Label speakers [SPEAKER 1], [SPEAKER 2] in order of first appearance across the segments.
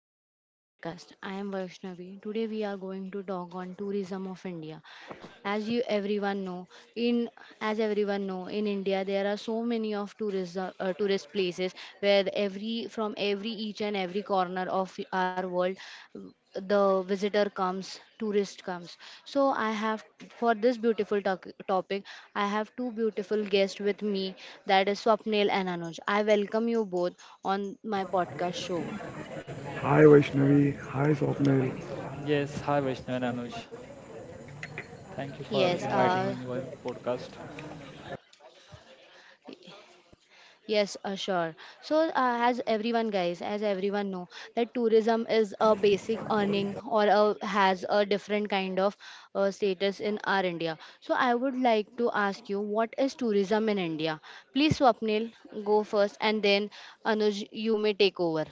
[SPEAKER 1] Welcome to my podcast. I am Vaishnavi. Today we are going to talk on tourism of India. As you everyone know, in as everyone know, in India there are so many of tourism tourist places where every each and every corner of our world the visitor comes tourist comes. So I have, for this beautiful topic, I have two beautiful guests with me, that is Swapnil and Anuj. I welcome you both on my podcast show.
[SPEAKER 2] Hi Vaishnavi, hi Swapnil.
[SPEAKER 3] Yes, hi Vaishnavi and Anuj. Thank you for
[SPEAKER 1] yes
[SPEAKER 3] inviting in
[SPEAKER 1] uh,
[SPEAKER 3] your podcast.
[SPEAKER 1] Yes, sure. So, as everyone, guys, as everyone know that tourism is a basic earning or has a different kind of status in our India. So, I would like to ask you, what is tourism in India? Please, Swapnil, go first, and then Anuj, you may take over.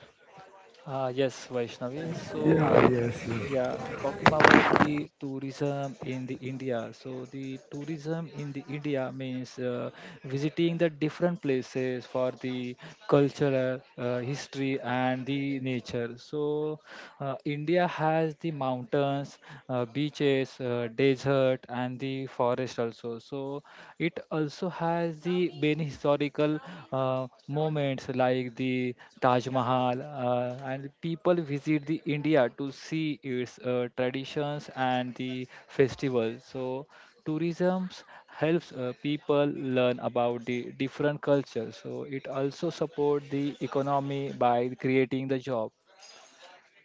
[SPEAKER 3] Yes, Vaishnavi.
[SPEAKER 2] Yeah,
[SPEAKER 3] So,
[SPEAKER 2] yes, yes,
[SPEAKER 3] yeah, talking about the tourism in the India. So, the tourism in the India means visiting the different places for the cultural, history, and the nature. So, India has the mountains, beaches, desert, and the forest also. So it also has the many historical moments like the Taj Mahal, and people visit the India to see its traditions and the festivals. So tourism helps people learn about the different cultures. So it also support the economy by creating the job.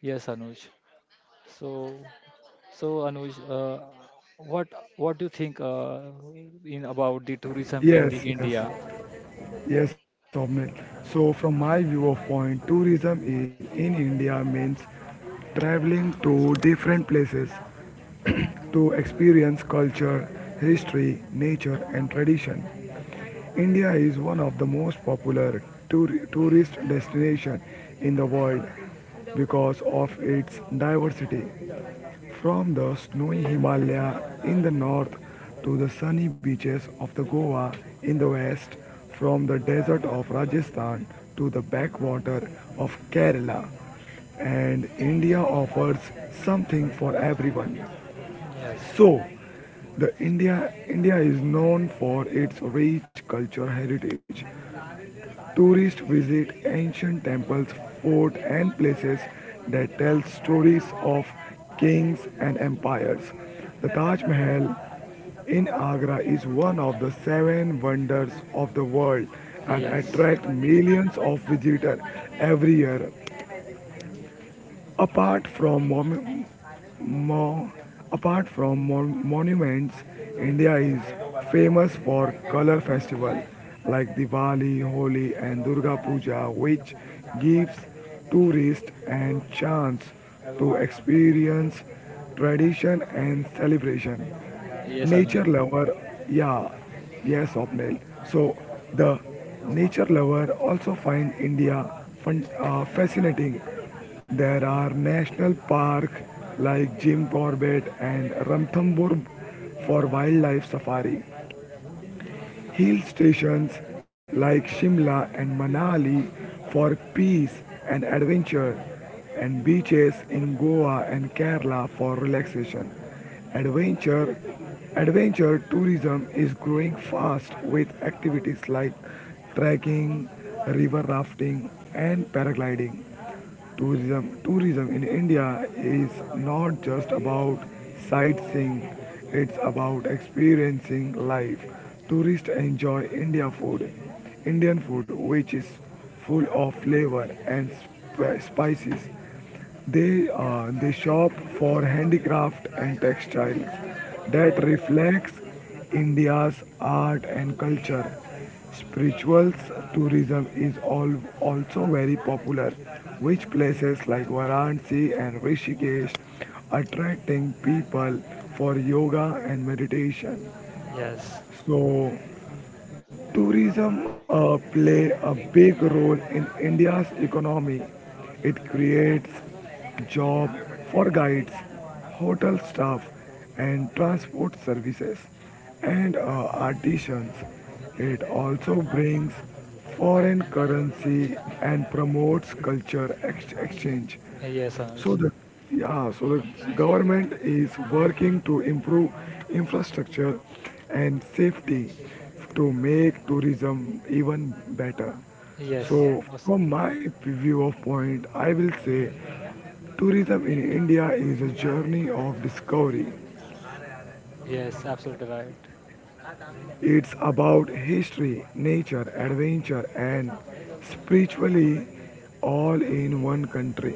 [SPEAKER 3] Yes, Anuj. So, so Anuj, what what do you think in about the tourism in the
[SPEAKER 2] yes,
[SPEAKER 3] India?
[SPEAKER 2] yes, yes, Swapnil. So, from my view of point, tourism in India means traveling to different places to experience culture, history, nature, and tradition. India is one of the most popular tourist destination in the world because of its diversity. From the snowy Himalaya in the north to the sunny beaches of the Goa in the west, from the desert of Rajasthan to the backwater of Kerala, and India offers something for everyone.
[SPEAKER 3] Yes,
[SPEAKER 2] So, the India is known for its rich cultural heritage. Tourists visit ancient temples, forts and places that tell stories of kings and empires. The Taj Mahal in Agra is one of the seven wonders of the world and
[SPEAKER 3] yes,
[SPEAKER 2] attracts millions of visitors every year. Apart from mom- Mo- apart from monuments, India is famous for color festival like Diwali, Holi and Durga Puja, which gives tourists and chance to experience tradition and celebration.
[SPEAKER 3] Yes, Anuj.
[SPEAKER 2] Nature lover Yeah, yes, Opnil. So the nature lover also find India fun, fascinating. There are national park like Jim Corbett and Ranthambore for wildlife safari. Hill stations like Shimla and Manali for peace and adventure, and beaches in Goa and Kerala for relaxation. Adventure adventure tourism is growing fast with activities like trekking, river rafting and paragliding. Tourism in India is not just about sightseeing, it's about experiencing life. Tourists enjoy Indian food, which is full of flavor and spices. They shop for handicraft and textiles that reflects India's art and culture. Spirituals tourism is also very popular, which places like Varanasi and Rishikesh attracting people for yoga and meditation.
[SPEAKER 3] Yes,
[SPEAKER 2] So tourism, play a big role in India's economy. It creates job for guides, hotel staff, and transport services, and artisans. It also brings foreign currency and promotes culture
[SPEAKER 3] y-
[SPEAKER 2] exchange.
[SPEAKER 3] Yes,
[SPEAKER 2] So
[SPEAKER 3] Anuj.
[SPEAKER 2] the yeah, so the government is working to improve infrastructure and safety to make tourism even better.
[SPEAKER 3] Yes,
[SPEAKER 2] So
[SPEAKER 3] awesome.
[SPEAKER 2] from my view of point, I will say tourism in India is a journey of discovery.
[SPEAKER 3] Yes, absolutely right.
[SPEAKER 2] It's about history, nature, adventure and spiritually all in one country.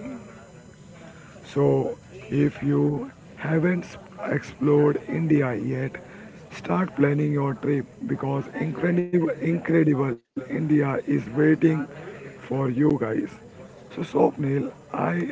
[SPEAKER 2] So, if you haven't explored India yet, start planning your trip because incredible, incredible India is waiting for you guys. So, Swapnil,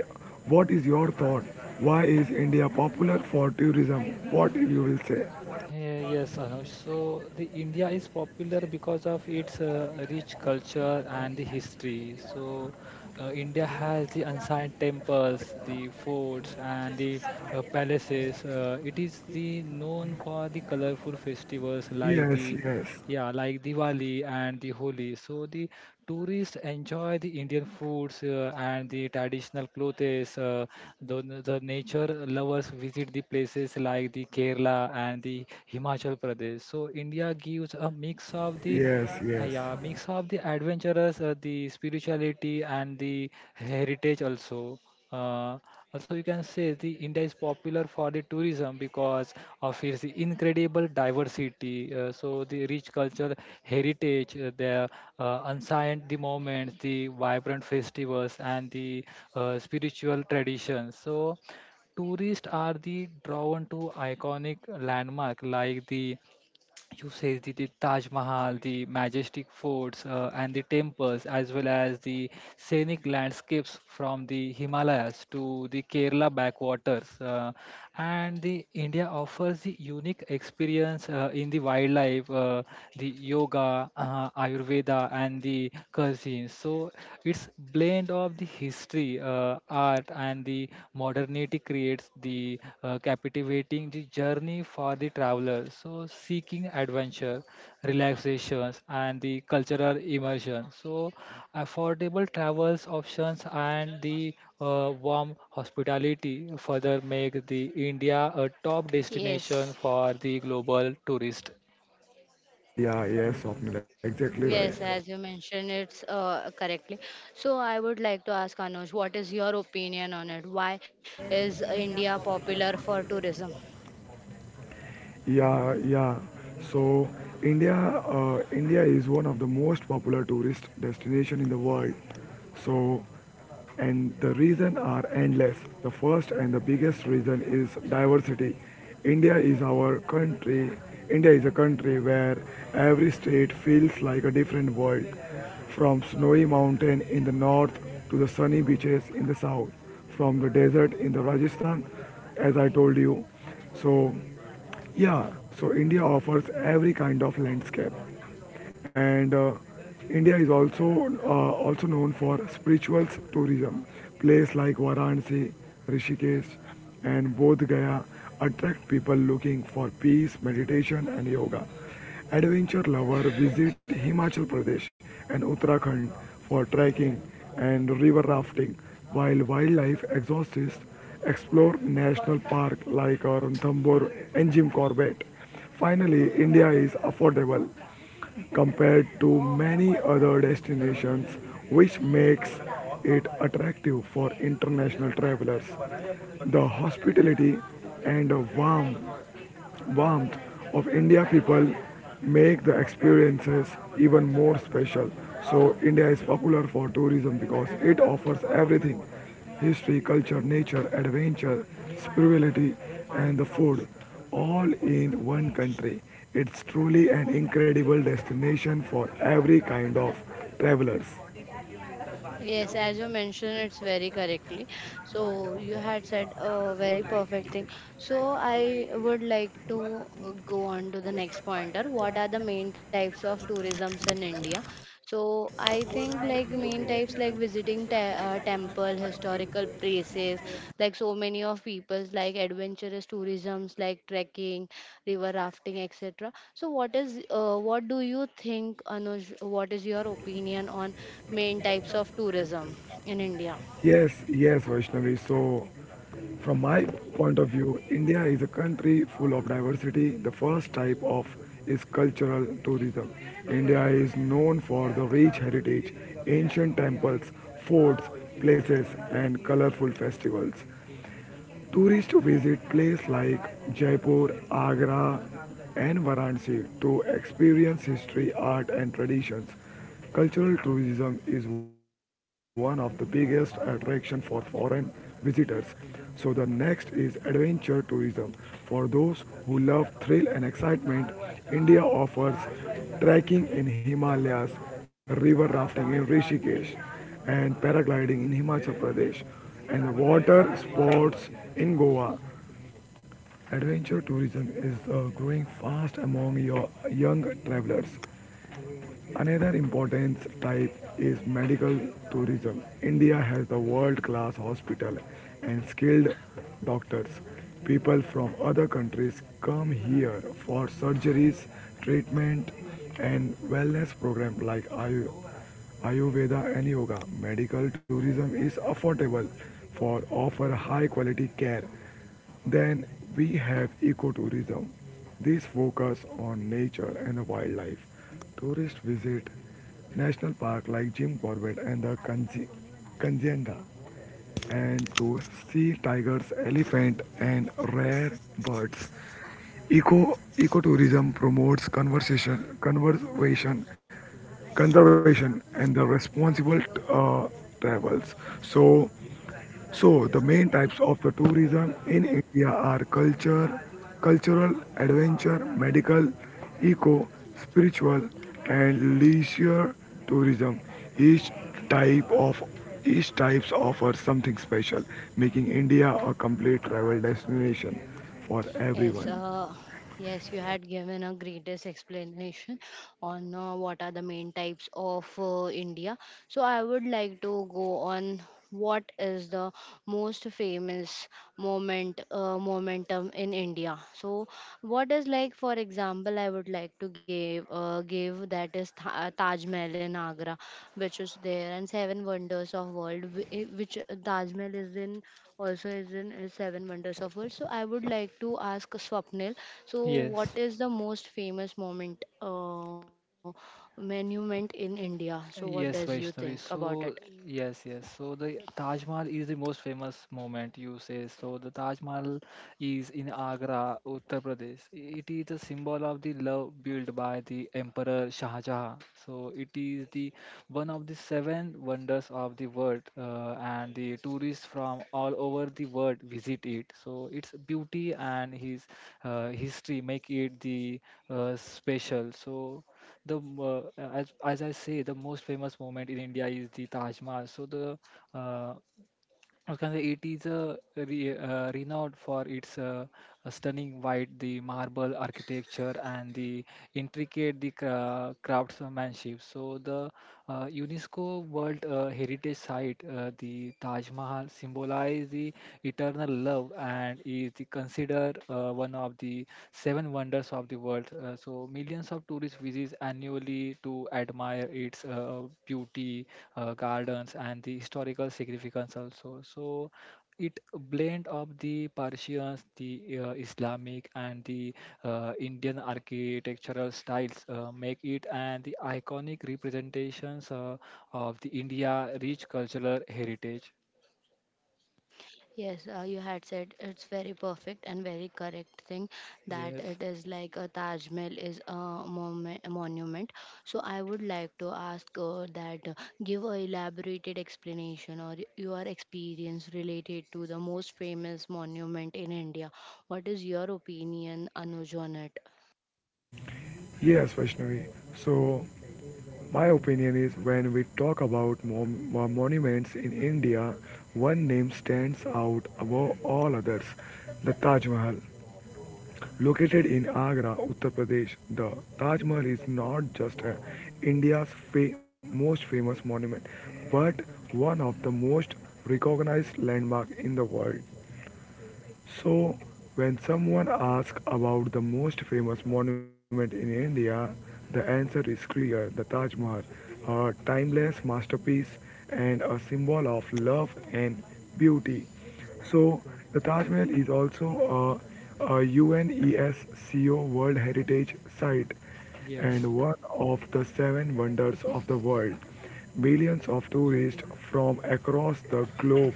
[SPEAKER 2] what is your thought? Why is India popular for tourism? What you will say?
[SPEAKER 3] Yes, Anuj. So the India is popular because of its rich culture and the history. So India has the ancient temples, the forts, and the palaces. It is the known for the colorful festivals like
[SPEAKER 2] Yes,
[SPEAKER 3] the
[SPEAKER 2] yes,
[SPEAKER 3] yeah, like Diwali and the Holi. So the tourists enjoy the Indian foods and the traditional clothes. The nature lovers visit the places like the Kerala and the Himachal Pradesh. So India gives a mix of the
[SPEAKER 2] yes,
[SPEAKER 3] uh,
[SPEAKER 2] yes.
[SPEAKER 3] yeah, mix of the adventurous, the spirituality, and the heritage also. Uh, Also, you can say the India is popular for the tourism because of its incredible diversity. So the rich cultural heritage, the ancient the moments, the vibrant festivals, and the spiritual traditions. So tourists are the drawn to iconic landmark like the Taj Mahal, the majestic forts, and the temples, as well as the scenic landscapes from the Himalayas to the Kerala backwaters. And the India offers the unique experience in the wildlife life, the yoga, Ayurveda, and the cuisine. So it's blend of the history, art, and the modernity creates the captivating the journey for the traveler. So seeking adventure, relaxations, and the cultural immersion. So affordable travels options and the warm hospitality further make the India a top
[SPEAKER 1] Yes.
[SPEAKER 3] destination for the global tourist.
[SPEAKER 2] Yeah, yes, Swapnil, exactly right.
[SPEAKER 1] Yes, as you mentioned, it's correctly. So I would like to ask Anuj, what is your opinion on it? Why is India popular for tourism?
[SPEAKER 2] Yeah, yeah. So India is one of the most popular tourist destination in the world. So and the reasons are endless. The first and the biggest reason is diversity. India is our country. India is a country where every state feels like a different world, from snowy mountain in the north to the sunny beaches in the south, from the desert in the Rajasthan, as I told you. So, yeah, so India offers every kind of landscape, and India is also known for spiritual tourism. Places like Varanasi, Rishikesh, and Bodh Gaya attract people looking for peace, meditation, and yoga. Adventure lovers visit Himachal Pradesh and Uttarakhand for trekking and river rafting, while wildlife enthusiasts explore national parks like Ranthambore and Jim Corbett. Finally, India is affordable compared to many other destinations, which makes it attractive for international travelers. The hospitality and warmth of India people make the experiences even more special. So India is popular for tourism because it offers everything: history, culture, nature, adventure, spirituality and the food, all in one country. It's truly an incredible destination for every kind of travelers.
[SPEAKER 1] Yes, as you mentioned, it's very correctly. So you had said a very perfect thing. So I would like to go on to the next pointer. What are the main types of tourisms in India? So I think, like, main types like visiting te temple, historical places, like so many of people's like adventurous tourisms like trekking, river rafting, etc. So what is what do you think, Anuj? What is your opinion on main types of tourism in India?
[SPEAKER 2] Yes, yes, Vaishnavi. So from my point of view, India is a country full of diversity. The first type of is cultural tourism. India is known for the rich heritage, ancient temples, forts, places, and colorful festivals. Tourists visit places like Jaipur, Agra, and Varanasi to experience history, art, and traditions. Cultural tourism is one of the biggest attraction for foreign visitors. So the next is adventure tourism. For those who love thrill and excitement, India offers trekking in Himalayas, river rafting in Rishikesh, and paragliding in Himachal Pradesh, and water sports in Goa. Adventure tourism is growing fast among your young travelers. Another important type is medical tourism. India has the world-class hospital and skilled doctors. People from other countries come here for surgeries, treatment, and wellness programs like Ayurveda and yoga. Medical tourism is affordable for offer high quality care. Then we have ecotourism. These focus on nature and wildlife. Tourists visit national park like Jim Corbett and the Kanjenga, and to see tigers, elephant and rare birds. Ecotourism promotes conservation and the responsible uh, travels. So the main types of the tourism in India are cultural, adventure, medical, eco, spiritual and leisure tourism. Each type of each types offers something special, making India a complete travel destination for
[SPEAKER 1] Yes,
[SPEAKER 2] everyone.
[SPEAKER 1] yes, you had given a greatest explanation on what are the main types of India. So I would like to go on, what is the most famous momentum in India? So what is, like, for example I would like to give that is Taj Mahal in Agra, which is there, and seven wonders of world, which Taj Mahal is in, also is in Seven Wonders of World. So I would like to ask Swapnil, so what
[SPEAKER 3] Yes,
[SPEAKER 1] is the most famous moment monument in India? So what does you
[SPEAKER 3] yes,
[SPEAKER 1] think
[SPEAKER 3] Vaishnavi.
[SPEAKER 1] about it?
[SPEAKER 3] So, yes, yes. So, the Taj Mahal is the most famous moment you say. So, the Taj Mahal is in Agra, Uttar Pradesh. It is a symbol of the love built by the Emperor Shah Jahan. So, it is the one of the seven wonders of the world, and the tourists from all over the world visit it. So, its beauty and his history make it the special. So, the as I say, the most famous moment in India is the Taj Mahal. So the uh, I can say it is renowned for its stunning white, the marble architecture, and the intricate the craftsmanship. So the UNESCO World Heritage Site, the Taj Mahal symbol. Bola is the eternal love and is the considered one of the seven wonders of the world. So millions of tourists visit annually to admire its beauty, gardens, and the historical significance also. So it blend of the Persians, the Islamic, and the Indian architectural styles make it and the iconic representations of the India rich cultural heritage.
[SPEAKER 1] Yes, you had said it's very perfect and very correct thing, that
[SPEAKER 3] Yes.
[SPEAKER 1] it is like a Taj Mahal is a monument. So I would like to ask that give a elaborated explanation or your experience related to the most famous monument in India. What is your opinion, Anuj, on it?
[SPEAKER 2] Yes, Vaishnavi. So my opinion is, when we talk about monuments in India, one name stands out above all others: the Taj Mahal. Located in Agra, Uttar Pradesh, the Taj Mahal is not just India's most famous monument, but one of the most recognized landmarks in the world. So, when someone asks about the most famous monument in India, the answer is clear: the Taj Mahal, a timeless masterpiece and a symbol of love and beauty. So, the Taj Mahal is also a UNESCO World Heritage Site and
[SPEAKER 3] Yes,
[SPEAKER 2] one of the seven wonders of the world. Millions of tourists from across the globe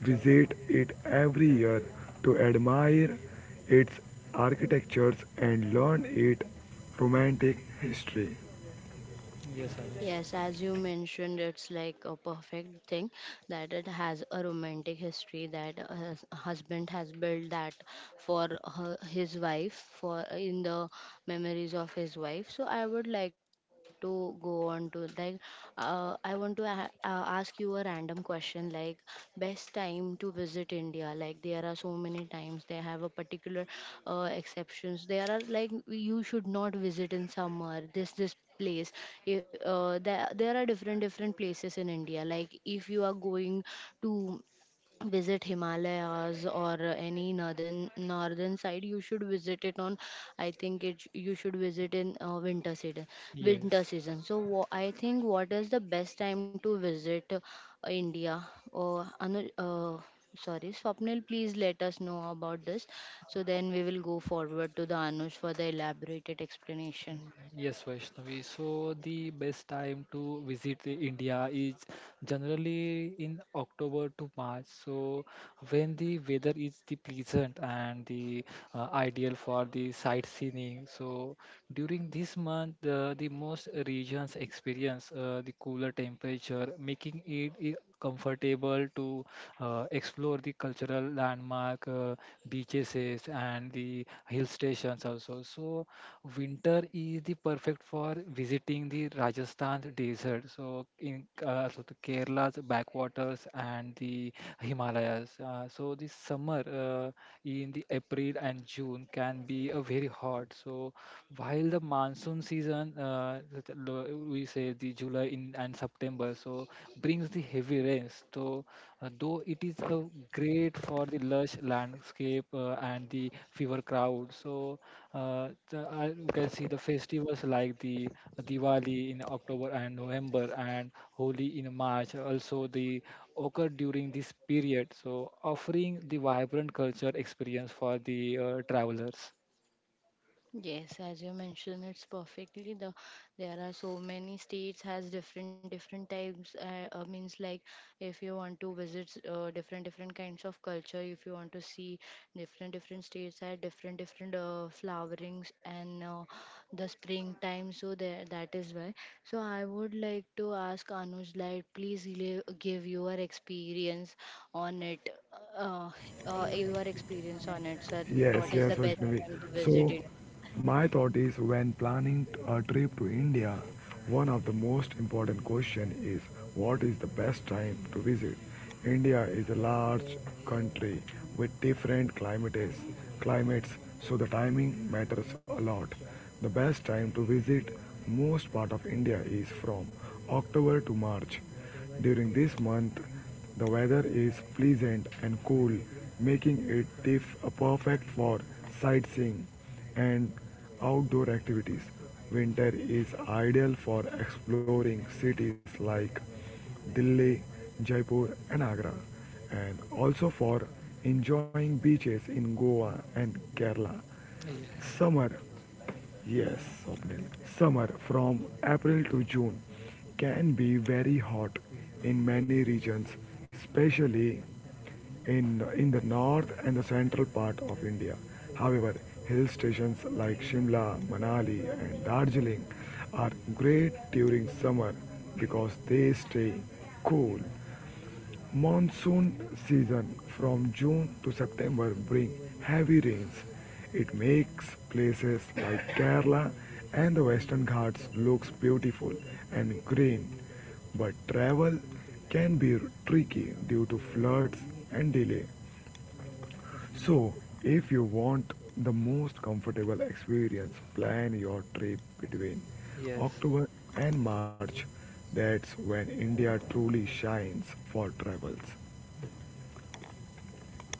[SPEAKER 2] visit it every year to admire its architectures and learn its romantic history.
[SPEAKER 3] yes, Anuj.
[SPEAKER 1] Yes, as you mentioned, it's like a perfect thing that it has a romantic history, that a husband has built that for her, his wife, for in the memories of his wife. So I would like to go on to, like, I want to ask you a random question, like best time to visit India. Like there are so many times they have a particular exceptions. There are, like, you should not visit in summer, this place. There there are different different places in India. Like if you are going to visit Himalayas or any northern northern side, you should visit it on. I think it, you should visit in winter season. Winter
[SPEAKER 3] Yes,
[SPEAKER 1] season. So I think what is the best time to visit India? Uh, Anu, uh, Sorry, Swapnil, please let us know about this. So then we will go forward to the Anush for the elaborated explanation.
[SPEAKER 3] Yes, Vaishnavi. So the best time to visit the India is generally in October to March. So when the weather is the pleasant and the ideal for the sightseeing. So during this month, the most regions experience the cooler temperature, making it comfortable to explore the cultural landmark, beaches, and the hill stations also. So winter is the perfect for visiting the Rajasthan desert. So the Kerala's backwaters and the Himalayas. So the summer in the April and June can be a very hot. So while the monsoon season, that we say the July in and September, so brings the heavy rains. So though it is great for the lush landscape and the fever crowd. So you can see the festivals like the Diwali in October and November and Holi in March also the occur during this period. So offering the vibrant culture experience for the travelers.
[SPEAKER 1] Yes, as you mentioned, it's perfectly, the there are so many states has different different types means like if you want to visit different different kinds of culture, if you want to see different different states had different different flowerings and the springtime, so there that is why. So I would like to ask Anuj, like please give your experience on it, uh, your experience on it, sir. What
[SPEAKER 2] Yes,
[SPEAKER 1] is the
[SPEAKER 2] yes,
[SPEAKER 1] best
[SPEAKER 2] Vaishnavi.
[SPEAKER 1] time to visit?
[SPEAKER 2] So, my thought is, when planning a trip to India, one of the most important question is, what is the best time to visit? India is a large country with different climates, so the timing matters a lot. The best time to visit most part of India is from October to March. During this month, the weather is pleasant and cool, making it the perfect for sightseeing and outdoor activities. Winter is ideal for exploring cities like Delhi, Jaipur, and Agra, and also for enjoying beaches in Goa and Kerala.
[SPEAKER 3] Yes,
[SPEAKER 2] Summer Yes, Swapnil. Summer from April to June can be very hot in many regions, especially in the north and the central part of India. However, hill stations like Shimla, Manali, and Darjeeling are great during summer because they stay cool. Monsoon season from June to September bring heavy rains. It makes places like Kerala and the Western Ghats looks beautiful and green, but travel can be tricky due to floods and delay. So, if you want the most comfortable experience, plan your trip between
[SPEAKER 3] yes,
[SPEAKER 2] October and March. That's when India truly shines for travels.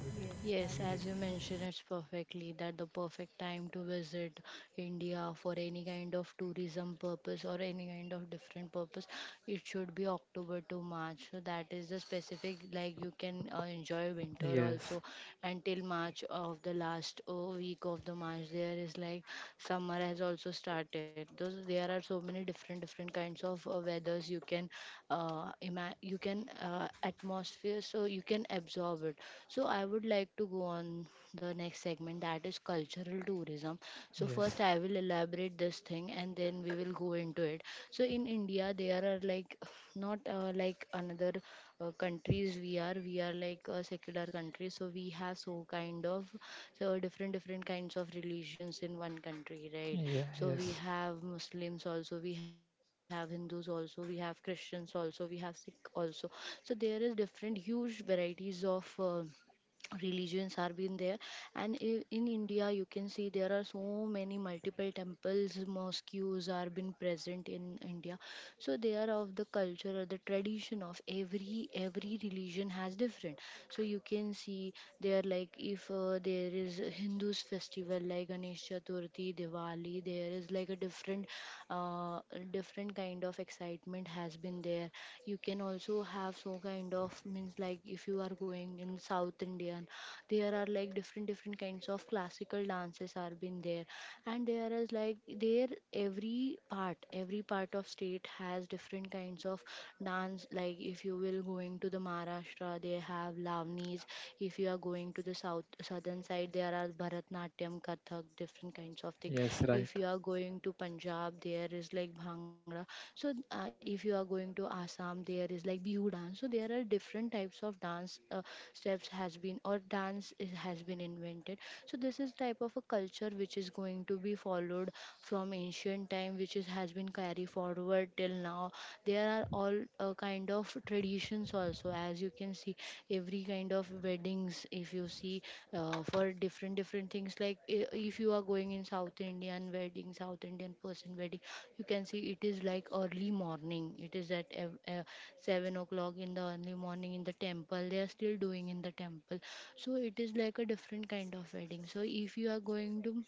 [SPEAKER 1] Yes, as you mentioned, it's perfectly that the perfect time to visit India for any kind of tourism purpose or any kind of different purpose, it should be October to March. So that is the specific, like you can enjoy winter also
[SPEAKER 3] yes,
[SPEAKER 1] until March, of the last week of the March. There is like summer has also started. Those there are so many different different kinds of weathers you can you can atmosphere, so you can absorb it. So I would like to go on the next segment, that is cultural tourism. So first
[SPEAKER 3] yes,
[SPEAKER 1] I will elaborate this thing and then we will go into it. So in India there are like not like another countries, we are like a secular country, so we have so kind of, so different different kinds of religions in one country, right?
[SPEAKER 3] yeah,
[SPEAKER 1] So we
[SPEAKER 3] yes,
[SPEAKER 1] have Muslims also, we have Hindus also, we have Christians also, we have Sikh also. So there is different huge varieties of religions are been there. And in India you can see there are so many multiple temples, mosques are been present in India. So they are of the culture or the tradition of every religion has different. So you can see there, like if there is Hindus festival like Ganesh Chaturthi, Diwali, there is like a different, uh, different kind of excitement has been there. You can also have so kind of, means like if you are going in South Indian, there are like different different kinds of classical dances are been there. And there is like there every part of state has different kinds of dance. Like if you will going to the Maharashtra, they have Lavnis. If you are going to the southern side, there are Bharatnatyam, Kathak, different kinds of thing.
[SPEAKER 3] yes, right.
[SPEAKER 1] If you are going to Punjab, there is like Bhangra. So if you are going to Assam, there is like Bihu dance. So there are different types of dance steps has been, or has been invented. So this is type of a culture which is going to be followed from ancient time, which is has been carried forward till now. There are all kind of traditions also. As you can see every kind of weddings, if you see, for different different things, like if you are going in south Indian person wedding, you can see it is like early morning, it is at 7 o'clock in the early morning in the temple, they are still doing in the temple. So it is like a different kind of wedding. So if you are going to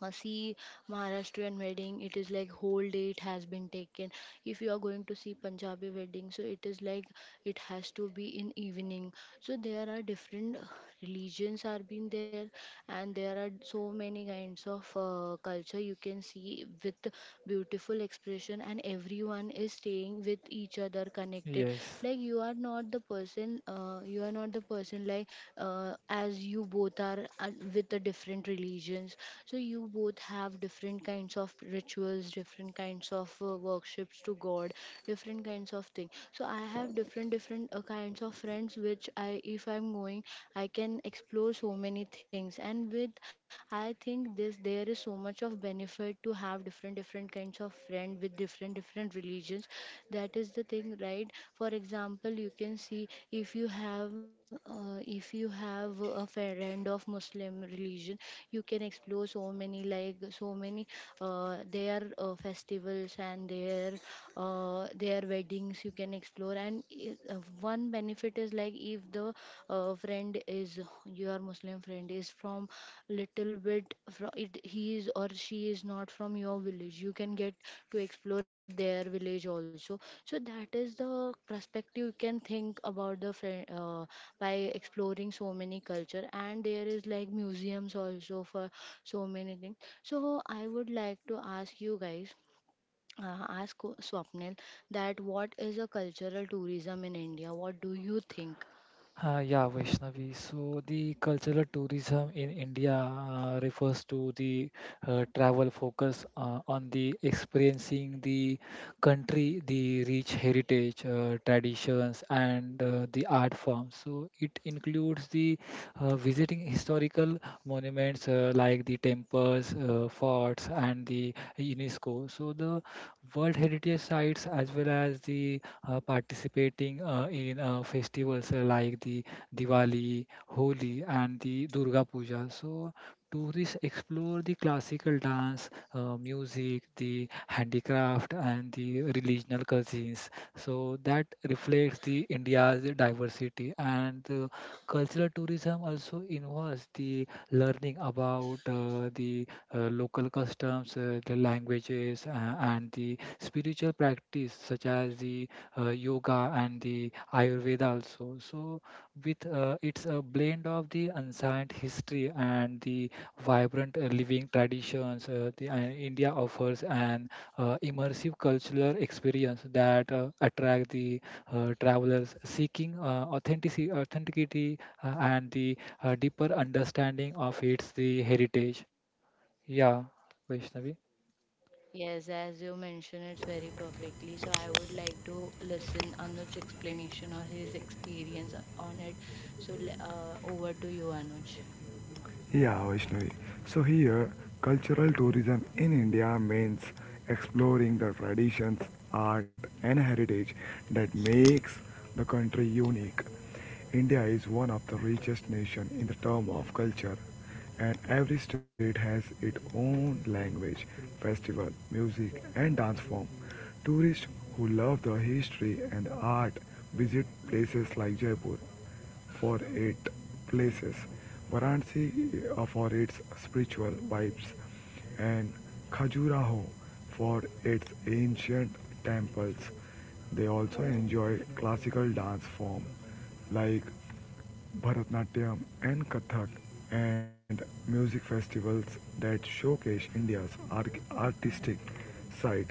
[SPEAKER 1] see Maharashtrian wedding, it is like whole day it has been taken. If you are going to see Punjabi wedding, so it is like it has to be in evening. So there are different religions are being there, and there are so many kinds of culture you can see with beautiful expression, and everyone is staying with each other connected.
[SPEAKER 3] Yes,
[SPEAKER 1] Like you are not the person, like as you both are with the different religions, so you both have different kinds of rituals, different kinds of worships to god, different kinds of thing. So I have different different kinds of friends, which I, if I'm going, I can explore so many things. And with, I think this, there is so much of benefit to have different different kinds of friend with different different religions. That is the thing, right? For example, you can see if you have a friend of Muslim religion, you can explore so many, like so many their festivals and their weddings you can explore. And one benefit is like, if the friend is, your Muslim friend is from little bit from it, he is or she is not from your village, you can get to explore their village also. So that is the perspective you can think about the friend, by exploring so many culture. And there is like museums also for so many things. So I would like to ask you guys, ask Swapnil, that what is a cultural tourism in India? What do you think?
[SPEAKER 3] Yeah, Vaishnavi. So the cultural tourism in India refers to the travel focus on the experiencing the country, the rich heritage, traditions, and the art forms. So it includes the visiting historical monuments like the temples, forts, and the UNESCO. So the World Heritage sites as well as the participating in festivals like the Diwali, Holi, and the Durga Puja. So tourists explore the classical dance, music, the handicraft, and the regional cuisines. So that reflects the India's diversity and the cultural tourism also involves the learning about the local customs, the languages, and the spiritual practice such as the yoga and the Ayurveda also. So with it's a blend of the ancient history and the vibrant living traditions. The India offers an immersive cultural experience that attract the travelers seeking authenticity and the deeper understanding of its the heritage. Yeah, Vaishnavi.
[SPEAKER 1] Yes, as you mentioned, it's very perfectly. So I would like to listen Anuj's explanation or his experience on it. So over to you, Anuj.
[SPEAKER 2] Yeah, Vaishnavi. So here, cultural tourism in India means exploring the traditions, art and heritage that makes the country unique. India is one of the richest nation in the term of culture, and every state has its own language, festival, music and dance form. Tourists who love the history and art visit places like Jaipur for eight places. Varanasi for its spiritual vibes, and Khajuraho for its ancient temples. They also enjoy classical dance form like Bharatnatyam and Kathak, and music festivals that showcase India's artistic side.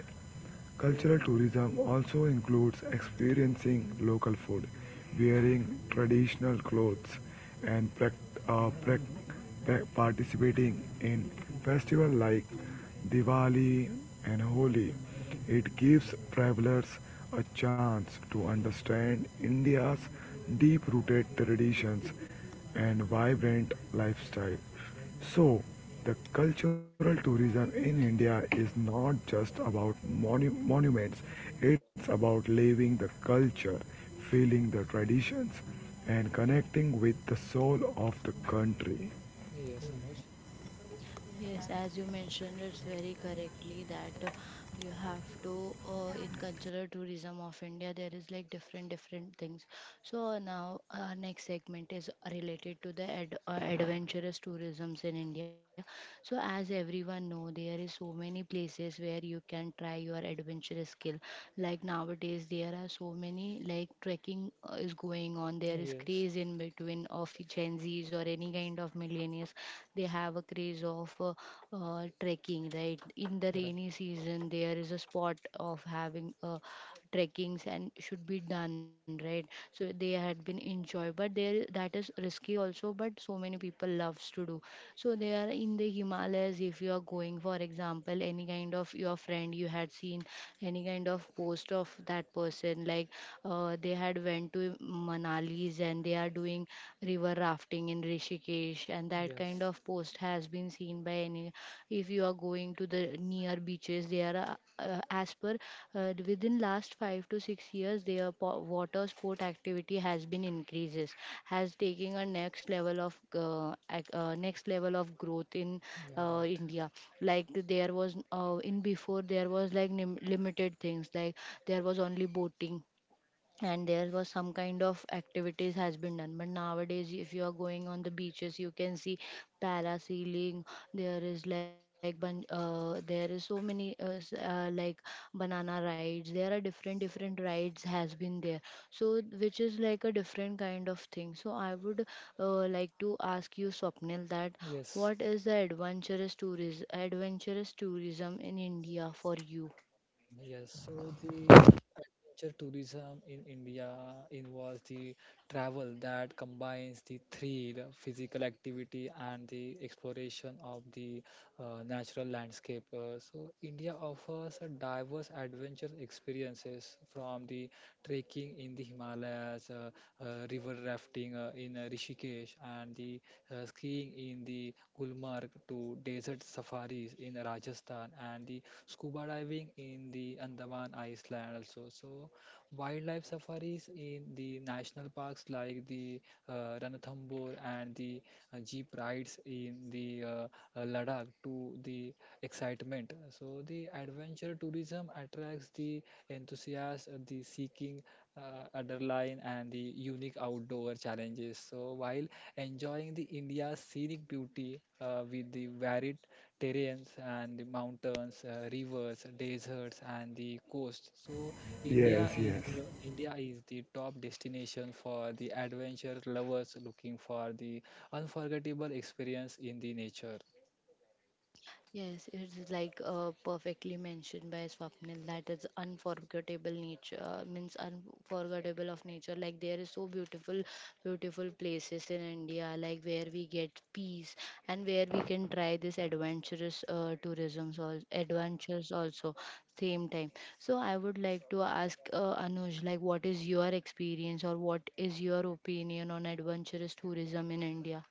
[SPEAKER 2] Cultural tourism also includes experiencing local food, wearing traditional clothes, and uh, participating in festivals like Diwali and Holi. It gives travelers a chance to understand India's deep rooted traditions and vibrant lifestyle. So, the cultural tourism in India is not just about monuments, it's about living the culture, feeling the traditions, and connecting with the soul of the country.
[SPEAKER 3] Yes, Anuj.
[SPEAKER 1] Yes, as you mentioned, it's very correctly, that you have to in cultural tourism of India there is like different different things. So now our next segment is related to the adventurous tourisms in India. So as everyone know, there is so many places where you can try your adventurous skill. Like nowadays there are so many like trekking is going on. There is
[SPEAKER 3] Yes,
[SPEAKER 1] craze in between of Gen Zs or any kind of millennials, they have a craze of trekking right in the rainy
[SPEAKER 3] right.
[SPEAKER 1] season. There is a spot of having trekkings and should be done right, so they had been enjoy but there that is risky also, but so many people loves to do. So they are in the himalayas. If you are going, for example, any kind of your friend you had seen any kind of post of that person like they had went to manalis and they are doing river rafting in rishikesh, and that kind
[SPEAKER 3] Yes,
[SPEAKER 1] of post has been seen by any. If you are going to the near beaches, there are as per within last 5 to 6 years their water sport activity has been increases, has taken a next level of next level of growth in
[SPEAKER 3] yeah, right.
[SPEAKER 1] india. Like there was in before there was like limited things like there was only boating, and there was some kind of activities has been done. But nowadays if you are going on the beaches you can see parasailing. There is like there is so many like banana rides, there are different different rides has been there, so which is like a different kind of thing. So I would like to ask you Swapnil that
[SPEAKER 3] Yes,
[SPEAKER 1] what is the adventurous tourism in india for you?
[SPEAKER 3] yes. So the adventure tourism in India involves the travel that combines the thrill, physical activity, and the exploration of the natural landscape. So, India offers a diverse adventure experiences from the trekking in the Himalayas, river rafting in Rishikesh, and the skiing in the Gulmarg to desert safaris in Rajasthan, and the scuba diving in the Andaman Island also. So wildlife safaris in the national parks like the Ranthambore and the jeep rides in the Ladakh to the excitement. So the adventure tourism attracts the enthusiasts, the seeking underline and the unique outdoor challenges. So while enjoying the India's scenic beauty with the varied terrains and the mountains, rivers, deserts, and the coast. So India is
[SPEAKER 2] Yes,
[SPEAKER 3] uh,
[SPEAKER 2] yes.
[SPEAKER 3] India is the top destination for the adventure lovers looking for the unforgettable experience in the nature.
[SPEAKER 1] Yes, it's like perfectly mentioned by Swapnil that is unforgettable nature means unforgettable of nature. Like there is so beautiful, beautiful places in India, like where we get peace and where we can try this adventurous tourism, so adventures also same time. So I would like to ask Anuj, like what is your experience or what is your opinion on adventurous tourism in India?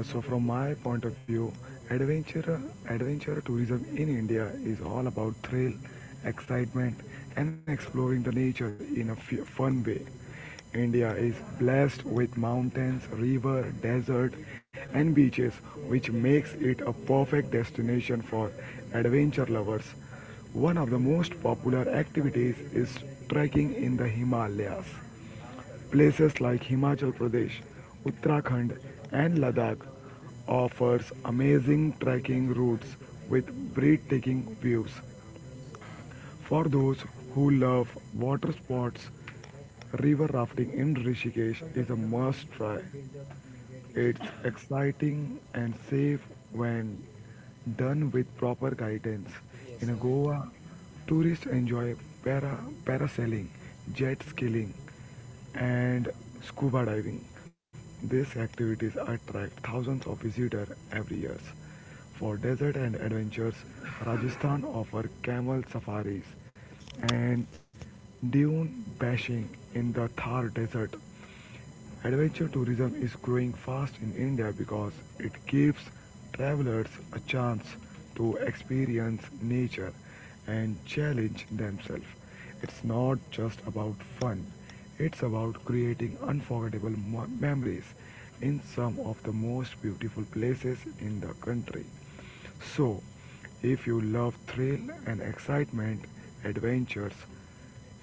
[SPEAKER 2] Yeah, so from my point of view, adventure adventure tourism in India is all about thrill, excitement, and exploring the nature in a fun way. India is blessed with mountains, river, desert, and beaches, which makes it a perfect destination for adventure lovers. One of the most popular activities is trekking in the Himalayas. Places like Himachal Pradesh, Uttarakhand, and Ladakh offers amazing trekking routes with breathtaking views. For those who love water sports, river rafting in Rishikesh is a must try. It's exciting and safe when done with proper guidance.
[SPEAKER 3] Yes,
[SPEAKER 2] In
[SPEAKER 3] right.
[SPEAKER 2] Goa, tourists enjoy para parasailing, jet skiing, and scuba diving. These activities attract thousands of visitors every year. For desert and adventures, Rajasthan offers camel safaris and dune bashing in the Thar Desert. Adventure tourism is growing fast in India because it gives travelers a chance to experience nature and challenge themselves. It's not just about fun, it's about creating unforgettable memories in some of the most beautiful places in the country. So, if you love thrill and excitement, adventures,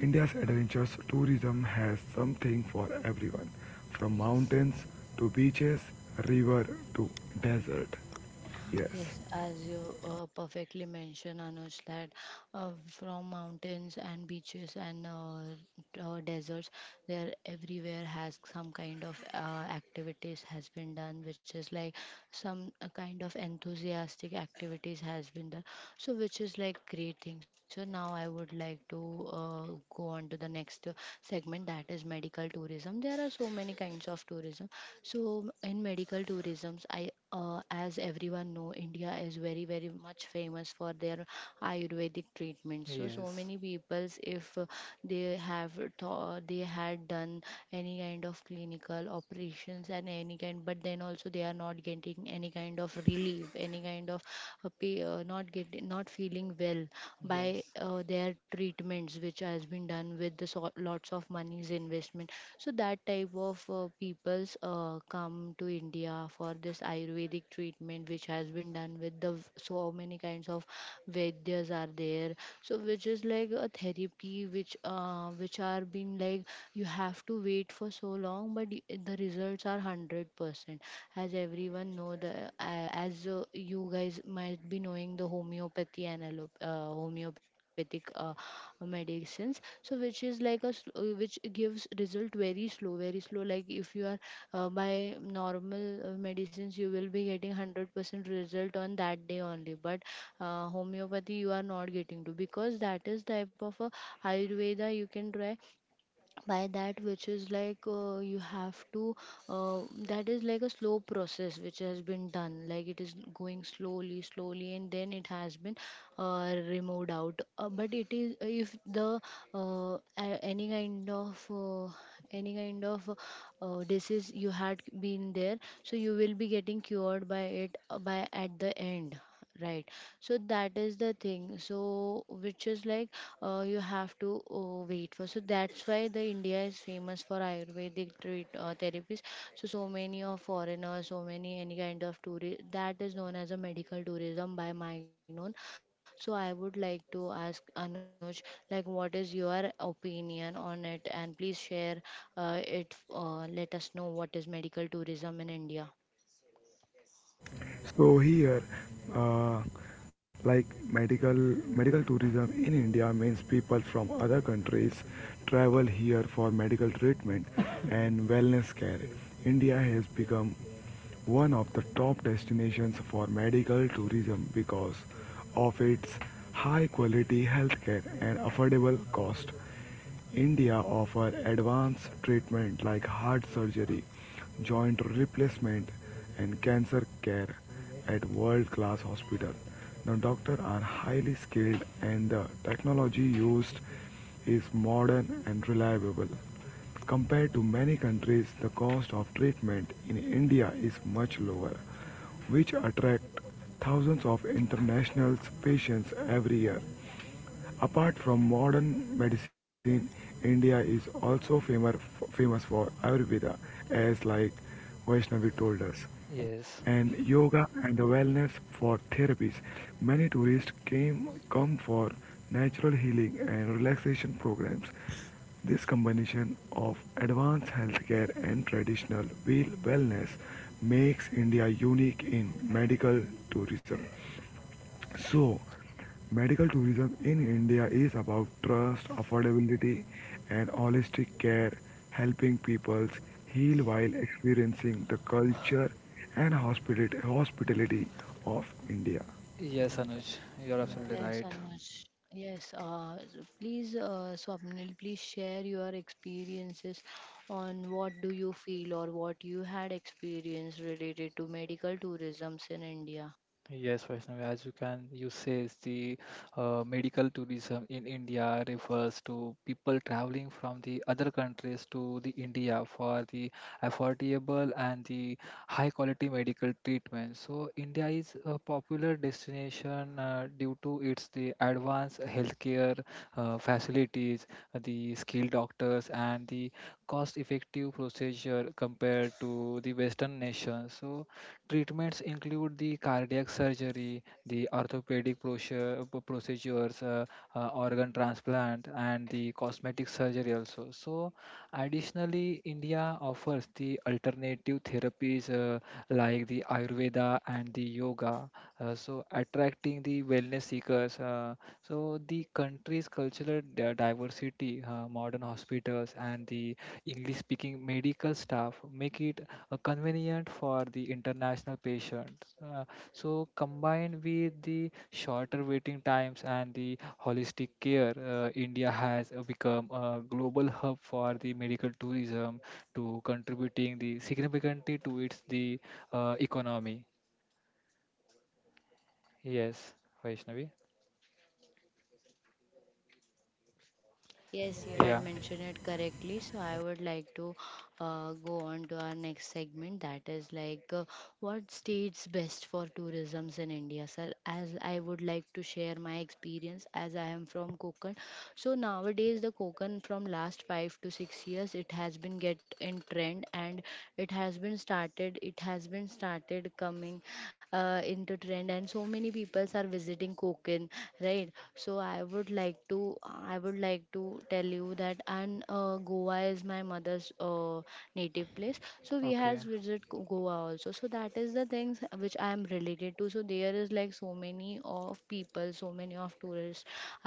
[SPEAKER 2] India's adventurous tourism has something for everyone, from
[SPEAKER 3] Yes.
[SPEAKER 2] mountains to beaches, river to desert. Yes.
[SPEAKER 1] Yes, as you perfectly mentioned, Anuj, that from mountains and beaches and deserts, there everywhere has some kind of activities has been done, which is like some kind of enthusiastic activities has been done. So, which is like great thing. So now I would like to go on to the next segment, that is medical tourism. There are so many kinds of tourism. So in medical tourism, I as everyone know india is very very much famous for their ayurvedic treatment. So so
[SPEAKER 3] Yes.
[SPEAKER 1] many peoples, if they have thought, they had done any kind of clinical operations and any kind, but then also they are not getting any kind of relief, any kind of not getting, not feeling well by
[SPEAKER 3] Yes.
[SPEAKER 1] their treatments which has been done with the lots of money's investment. So that type of people's come to india for this ayurvedic treatment which has been done with the so many kinds of vaidyas are there. So which is like a therapy which are being like you have to wait for so long, but the results are 100%. As everyone know the as you guys might be knowing the homeopathy and homeopathic medicines. So which is like a which gives result very slow, very slow. Like if you are by normal medicines you will be getting 100% result on that day only, but homeopathy you are not getting to because that is type of a ayurveda you can try by that, which is like you have to uh, that is like a slow process which has been done, like it is going slowly slowly and then it has been removed out. But it is, if the uh, a- any kind of uh, any kind of disease you had been there, so you will be getting cured by it by at the end, right? So that is the thing, so which is like you have to wait for. So that's why the India is famous for Ayurvedic treat therapies. So so many of foreigners, so many any kind of tourist, that is known as a medical tourism by my known. So I would like to ask Anuj, like what is your opinion on it, and please share it. Let us know what is medical tourism in India.
[SPEAKER 2] So here, uh, like medical tourism in India means people from other countries travel here for medical treatment and wellness care. India has become one of the top destinations for medical tourism because of its high quality healthcare and affordable cost. India offers advanced treatment like heart surgery, joint replacement, and cancer care at world-class hospitals. The doctors are highly skilled and the technology used is modern and reliable. Compared to many countries, the cost of treatment in India is much lower, which attracts thousands of international patients every year. Apart from modern medicine, India is also famous for Ayurveda, as like Vaishnavi told us,
[SPEAKER 3] Yes.
[SPEAKER 2] and yoga and the wellness for therapies. Many tourists came come for natural healing and relaxation programs. This combination of advanced healthcare and traditional wellness makes India unique in medical tourism. So, medical tourism in India is about trust, affordability, and holistic care, helping peoples heal while experiencing the culture and hospitality of India.
[SPEAKER 3] Yes, Anuj, you're absolutely
[SPEAKER 1] Yes,
[SPEAKER 3] right.
[SPEAKER 1] Anush. Yes, please, Swapnil, please share your experiences on what do you feel or what you had experienced related to medical tourisms in India.
[SPEAKER 3] Yes, Vaishnavi, as you say, is the medical tourism in India refers to people traveling from the other countries to the India for the affordable and the high quality medical treatment. So India is a popular destination due to its the advanced healthcare facilities, the skilled doctors, and the cost-effective procedure compared to the Western nations. So treatments include the cardiac surgery, the orthopedic procedures, organ transplant, and the cosmetic surgery also. So, additionally, India offers the alternative therapies like the Ayurveda and the yoga, so attracting the wellness seekers. So, the country's cultural diversity, modern hospitals, and the English speaking medical staff make it convenient for the international patients. So, combined with the shorter waiting times and the holistic care, India has become a global hub for the medical tourism, to contributing the significantly to its the economy. Yes, Vaishnavi.
[SPEAKER 1] Yes, you
[SPEAKER 3] Yeah.
[SPEAKER 1] had mentioned it correctly. So I would like to go on to our next segment, that is like what states best for tourisms in India, sir? As I would like to share my experience, as I am from Konkan. So nowadays the Konkan from last 5 to 6 years it has been get in trend, and it has been started coming into trend, and so many people are visiting Konkan, right? So I would like to tell you that. And Goa is my mother's native place. So we
[SPEAKER 3] Okay.
[SPEAKER 1] has visited Goa also. So that is the things which I am related to. So there is like so many of people, so many of tourists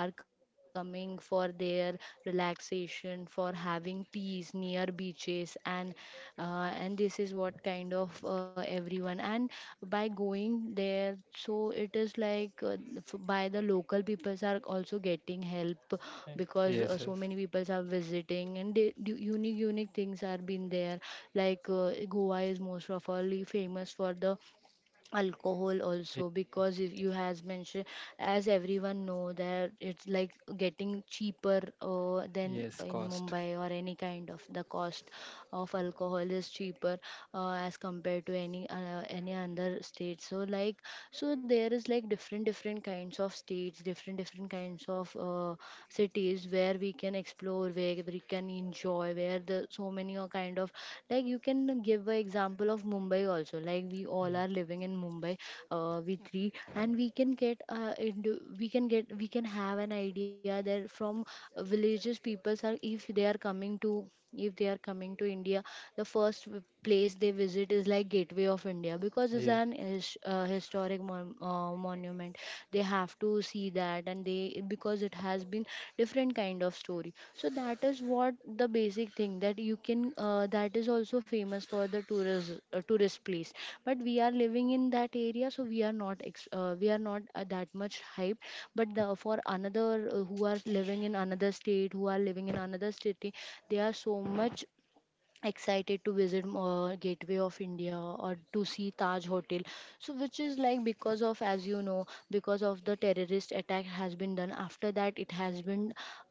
[SPEAKER 1] are coming for their relaxation, for having peace near beaches, and this is what kind of everyone. And by going there, so it is like by the local peoples are also getting help
[SPEAKER 3] Eh,
[SPEAKER 1] because
[SPEAKER 3] Yes.
[SPEAKER 1] so
[SPEAKER 3] Yes.
[SPEAKER 1] many peoples are visiting, and they, unique unique things are been there. Like Goa is most of all famous for the alcohol
[SPEAKER 3] Ye-
[SPEAKER 1] also, because if you has mentioned, as everyone know, that it's like getting cheaper than
[SPEAKER 3] Yes.
[SPEAKER 1] in
[SPEAKER 3] Cost.
[SPEAKER 1] mumbai, or any kind of, the cost of alcohol is cheaper as compared to any other state. So like, so there is like different different kinds of states, different different kinds of cities where we can explore, where we can enjoy, where the so many are kind of, like you can give an example of mumbai also, like we
[SPEAKER 3] Yeah.
[SPEAKER 1] all are living in mumbai we three, and we can get, we can have an idea that from villages peoples are, if they are coming to if they are coming to india, the first place they visit is like gateway of india, because it's
[SPEAKER 3] Yeah.
[SPEAKER 1] an historic monument, they have to see that. And they, because it has been different kind of story, so that is what the basic thing, that you can that is also famous for the tourist place. But we are living in that area, so we are not we are not that much hyped, but the, for another who are living in another state, who are living in another city, they are so much excited to visit gateway of india or to see taj hotel. So which is like, because of, as you know, because of the terrorist attack has been done, after that it has been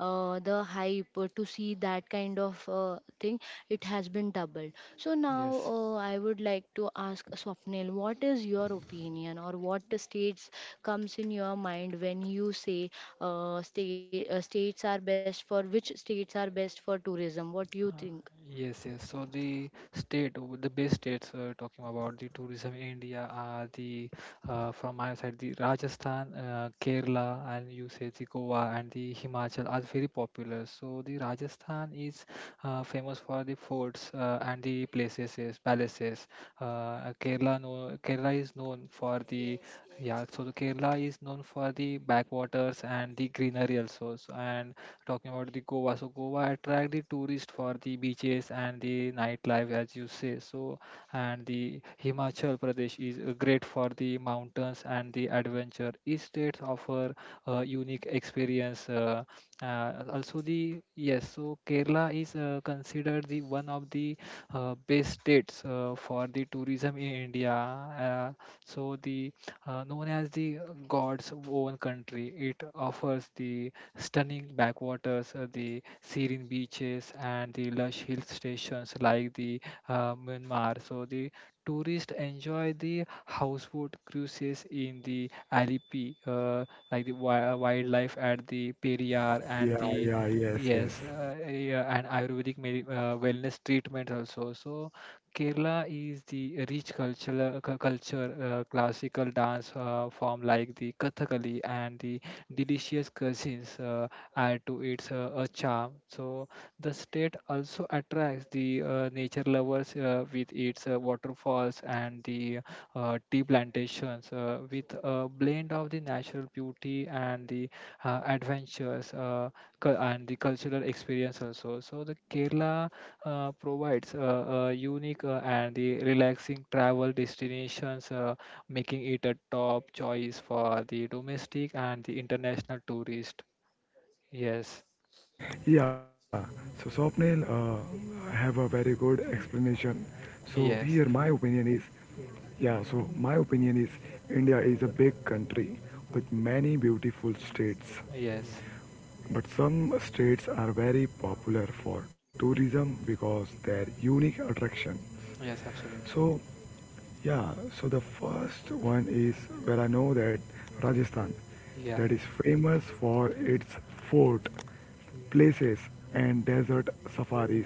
[SPEAKER 1] the hype to see that kind of thing, it has been doubled. So now
[SPEAKER 3] Yes.
[SPEAKER 1] I would like to ask swapnil, what is your opinion or what states comes in your mind when you say states are best for, which states are best for tourism, what do you
[SPEAKER 3] Uh,
[SPEAKER 1] think?
[SPEAKER 3] Yes, yes. So the best states talking about the tourism in India are the from my side the Rajasthan, Kerala, and you say the Goa and the Himachal are very popular. So the Rajasthan is famous for the forts and the palaces. Kerala, no, Kerala is known for the
[SPEAKER 1] Yes, yes.
[SPEAKER 3] yeah. So the Kerala is known for the backwaters and the greenery also. So, and talking about the Goa. So Goa attract the tourists for the beaches and the nightlife, as you say. So and the Himachal Pradesh is great for the mountains and the adventure. Each state offer a unique experience. Also the yes, so Kerala is considered the one of the best states for the tourism in India. So the known as the God's own country, it offers the stunning backwaters, the serene beaches, and the lush hill stations like the Myanmar. So the tourists enjoy the houseboat cruises in the Alipi, like the wildlife at the Periyar and
[SPEAKER 2] Yeah,
[SPEAKER 3] the
[SPEAKER 2] yeah, yes, yes.
[SPEAKER 3] yes, yeah, and Ayurvedic wellness treatment also. So Kerala is the rich cultural culture, classical dance form like the Kathakali and the delicious cuisines add to its a charm. So the state also attracts the nature lovers with its waterfalls and the tea plantations with a blend of the natural beauty and the adventures and the cultural experience also. So the Kerala provides a unique and the relaxing travel destinations making it a top choice for the domestic and the international tourist. Yes,
[SPEAKER 2] Yeah, so Swapnil have a very good explanation. So
[SPEAKER 3] yes,
[SPEAKER 2] here my opinion is, yeah, so my opinion is India is a big country with many beautiful states.
[SPEAKER 3] yes,
[SPEAKER 2] But some states are very popular for tourism because their unique attractions.
[SPEAKER 3] yes, absolutely.
[SPEAKER 2] So, yeah, so the first one is where I know that Rajasthan,
[SPEAKER 3] Yeah,
[SPEAKER 2] that is famous for its fort, places, and desert safaris.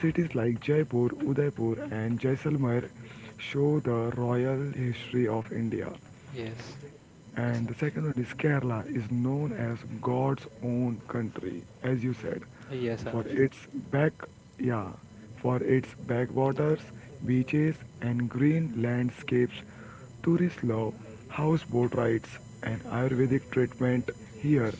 [SPEAKER 2] Cities like Jaipur, Udaipur, and Jaisalmer show the royal history of India.
[SPEAKER 3] yes, yes,
[SPEAKER 2] And the
[SPEAKER 3] Anuj.
[SPEAKER 2] second one is Kerala is known as God's own country, as you said,
[SPEAKER 3] Yes,
[SPEAKER 2] for
[SPEAKER 3] Anuj.
[SPEAKER 2] its back, yeah, backwaters, beaches, and green landscapes. Tourists love houseboat rides and Ayurvedic treatment here.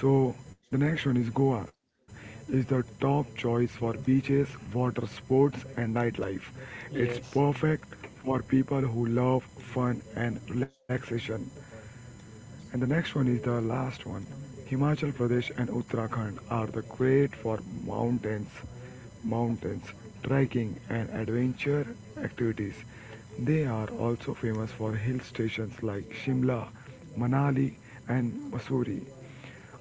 [SPEAKER 2] So the next one is Goa, is the top choice for beaches, water sports, and nightlife. It's
[SPEAKER 3] Yes,
[SPEAKER 2] perfect for people who love fun and relaxation. And the next one is the last one. Himachal Pradesh and Uttarakhand are the great for mountains, mountains, trekking and adventure activities. They are also famous for hill stations like Shimla, Manali and Mussoorie.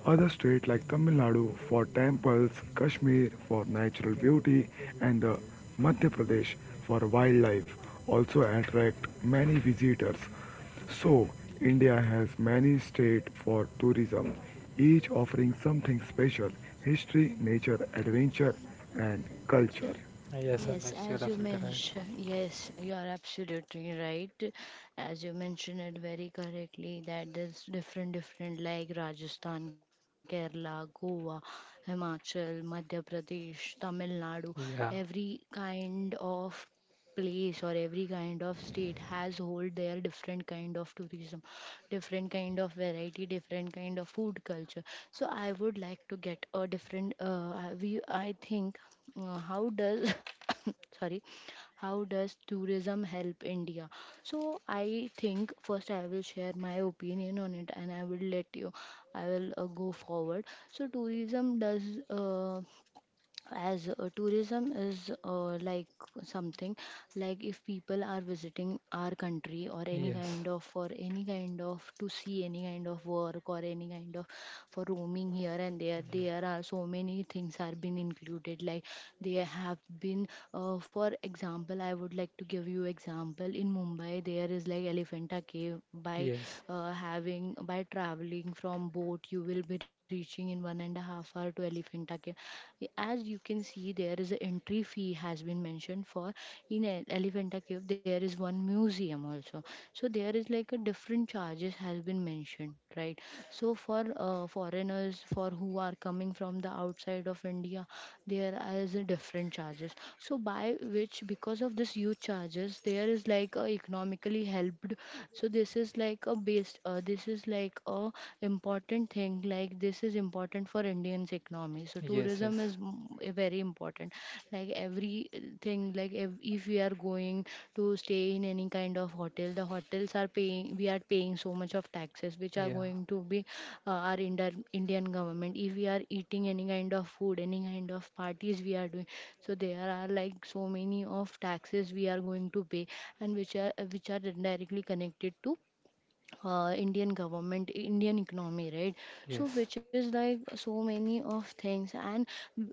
[SPEAKER 2] Other states like Tamil Nadu for temples, Kashmir for natural beauty, and the Madhya Pradesh for wildlife also attract many visitors. So, India has many states for tourism, each offering something special history, nature, adventure, and culture.
[SPEAKER 3] yes,
[SPEAKER 1] Yes,
[SPEAKER 3] Anuj, you're
[SPEAKER 1] as you
[SPEAKER 3] absolutely right.
[SPEAKER 1] mentioned, yes, you are absolutely right. As you mentioned it very correctly, that there's different, different, like Rajasthan, Kerala, Goa, Himachal, Madhya Pradesh, Tamil Nadu.
[SPEAKER 3] Yeah,
[SPEAKER 1] Every kind of place or every kind of state has hold their different kind of tourism. Different kind of variety, different kind of food culture. So I would like to get a different I- we I think how does sorry, how does tourism help India? So I think first I will share my opinion on it and I will let you. I will go forward. So tourism does, as tourism is like something, like if people are visiting our country or any
[SPEAKER 3] yes,
[SPEAKER 1] kind of, for any kind of, to see any kind of work or any kind of, for roaming here and there
[SPEAKER 3] yeah,
[SPEAKER 1] there are so many things are been included, like they have been, for example, I would like to give you example. In Mumbai there is like Elephanta Cave by
[SPEAKER 3] yes,
[SPEAKER 1] having, by traveling from boat, you will be reaching in 1.5 hours to Elephanta Cave. As you can see there is a entry fee has been mentioned for, in Elephanta Cave there is one museum also also. So there is like a different charges has been mentioned, right? So for foreigners, for who are coming from the outside of India, there is a different charges. So by which, because of this huge charges, there is like a economically helped. So this is like a based, this is like a important thing, like this is important for Indians economy. So
[SPEAKER 3] yes,
[SPEAKER 1] tourism
[SPEAKER 3] yes,
[SPEAKER 1] is very important. Like everything, like if we are going to stay in any kind of hotel, the hotels are paying, we are paying so much of taxes which are
[SPEAKER 3] yeah,
[SPEAKER 1] going to be our Indian government. If we are eating any kind of food, any kind of parties we are doing, so there are like so many of taxes we are going to pay, and which are directly connected to Indian government, Indian economy, right? So,
[SPEAKER 3] yes,
[SPEAKER 1] which is like so many of things, and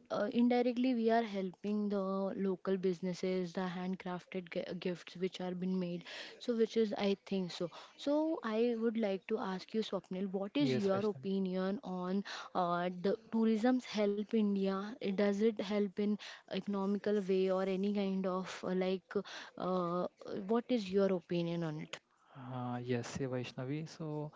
[SPEAKER 1] indirectly we are helping the local businesses, the handcrafted gifts which are being made. So, which is I think so. So, I would like to ask you, Swapnil, what is
[SPEAKER 3] yes,
[SPEAKER 1] your
[SPEAKER 3] Vaishnavi.
[SPEAKER 1] opinion on the tourism's help India? Does it help in economical way or any kind of like what is your opinion on it?
[SPEAKER 3] Yes, yeah, Vaishnavi. So,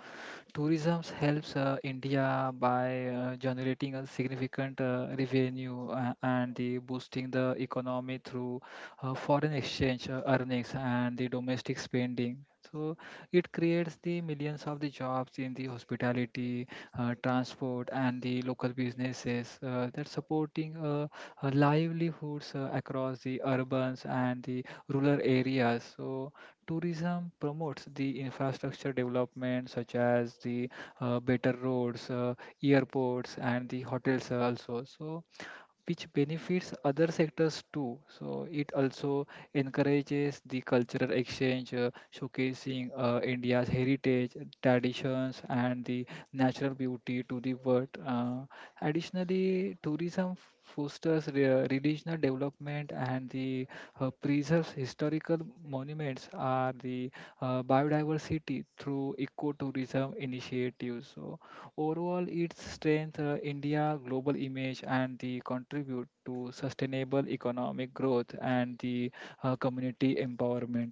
[SPEAKER 3] tourism helps India by generating a significant revenue and the boosting the economy through foreign exchange earnings and the domestic spending. So, it creates the millions of the jobs in the hospitality, transport, and the local businesses that supporting livelihoods across the urbans and the rural areas. So Tourism promotes the infrastructure development such as the better roads, airports, and the hotels also. So which benefits other sectors too. So it also encourages the cultural exchange, showcasing India's heritage, traditions, and the natural beauty to the world. Additionally, tourism fosters regional development and the preserves historical monuments are the biodiversity through ecotourism initiatives. So overall, its strength, India global image, and the contribute to sustainable economic growth and the community empowerment.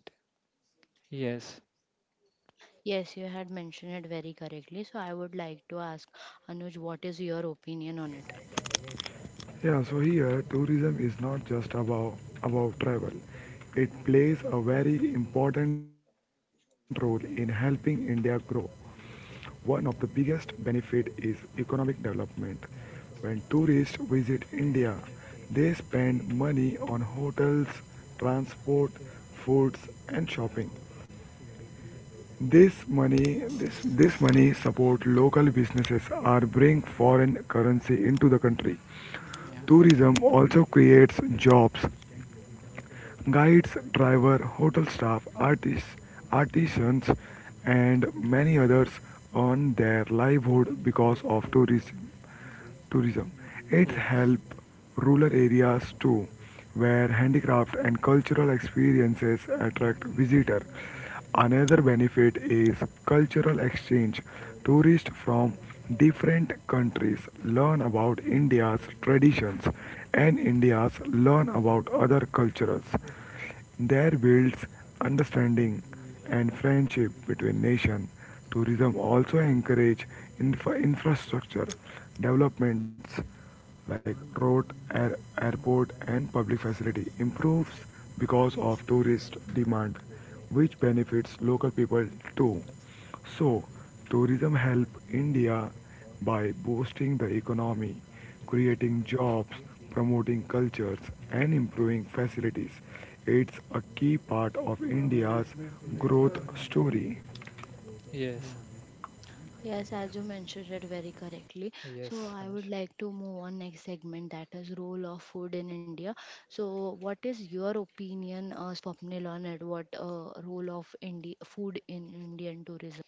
[SPEAKER 3] Yes,
[SPEAKER 1] Yes, you had mentioned it very correctly. So I would like to ask Anuj, what is your opinion on it?
[SPEAKER 2] Yeah, so here tourism is not just about travel. It plays a very important role in helping India grow. One of the biggest benefit is economic development. When tourists visit India, they spend money on hotels, transport, foods and shopping. This money support local businesses or bring foreign currency into the country.
[SPEAKER 3] yeah,
[SPEAKER 2] Tourism also creates jobs. Guides, driver, hotel staff, artisans, and many others earn their livelihood because of tourism. Tourism. It
[SPEAKER 3] yes,
[SPEAKER 2] helps rural areas too, where handicraft and cultural experiences attract visitors. Another benefit is cultural exchange. Tourists from different countries learn about India's traditions and Indians learn about other cultures. There builds understanding and friendship between nations. Tourism also encourages infrastructure developments like road, airport, and public facility improves because of tourist demand, which benefits local people too. So, tourism help India by boosting the economy, creating jobs, promoting cultures, and improving facilities. It's a key part of India's growth story.
[SPEAKER 3] yes,
[SPEAKER 1] Yes, as you mentioned it very correctly.
[SPEAKER 3] yes,
[SPEAKER 1] So I
[SPEAKER 3] Anuj.
[SPEAKER 1] would like to move on next segment, that is role of food in India. So what is your opinion, Swapnil, on it? What role of food in Indian tourism?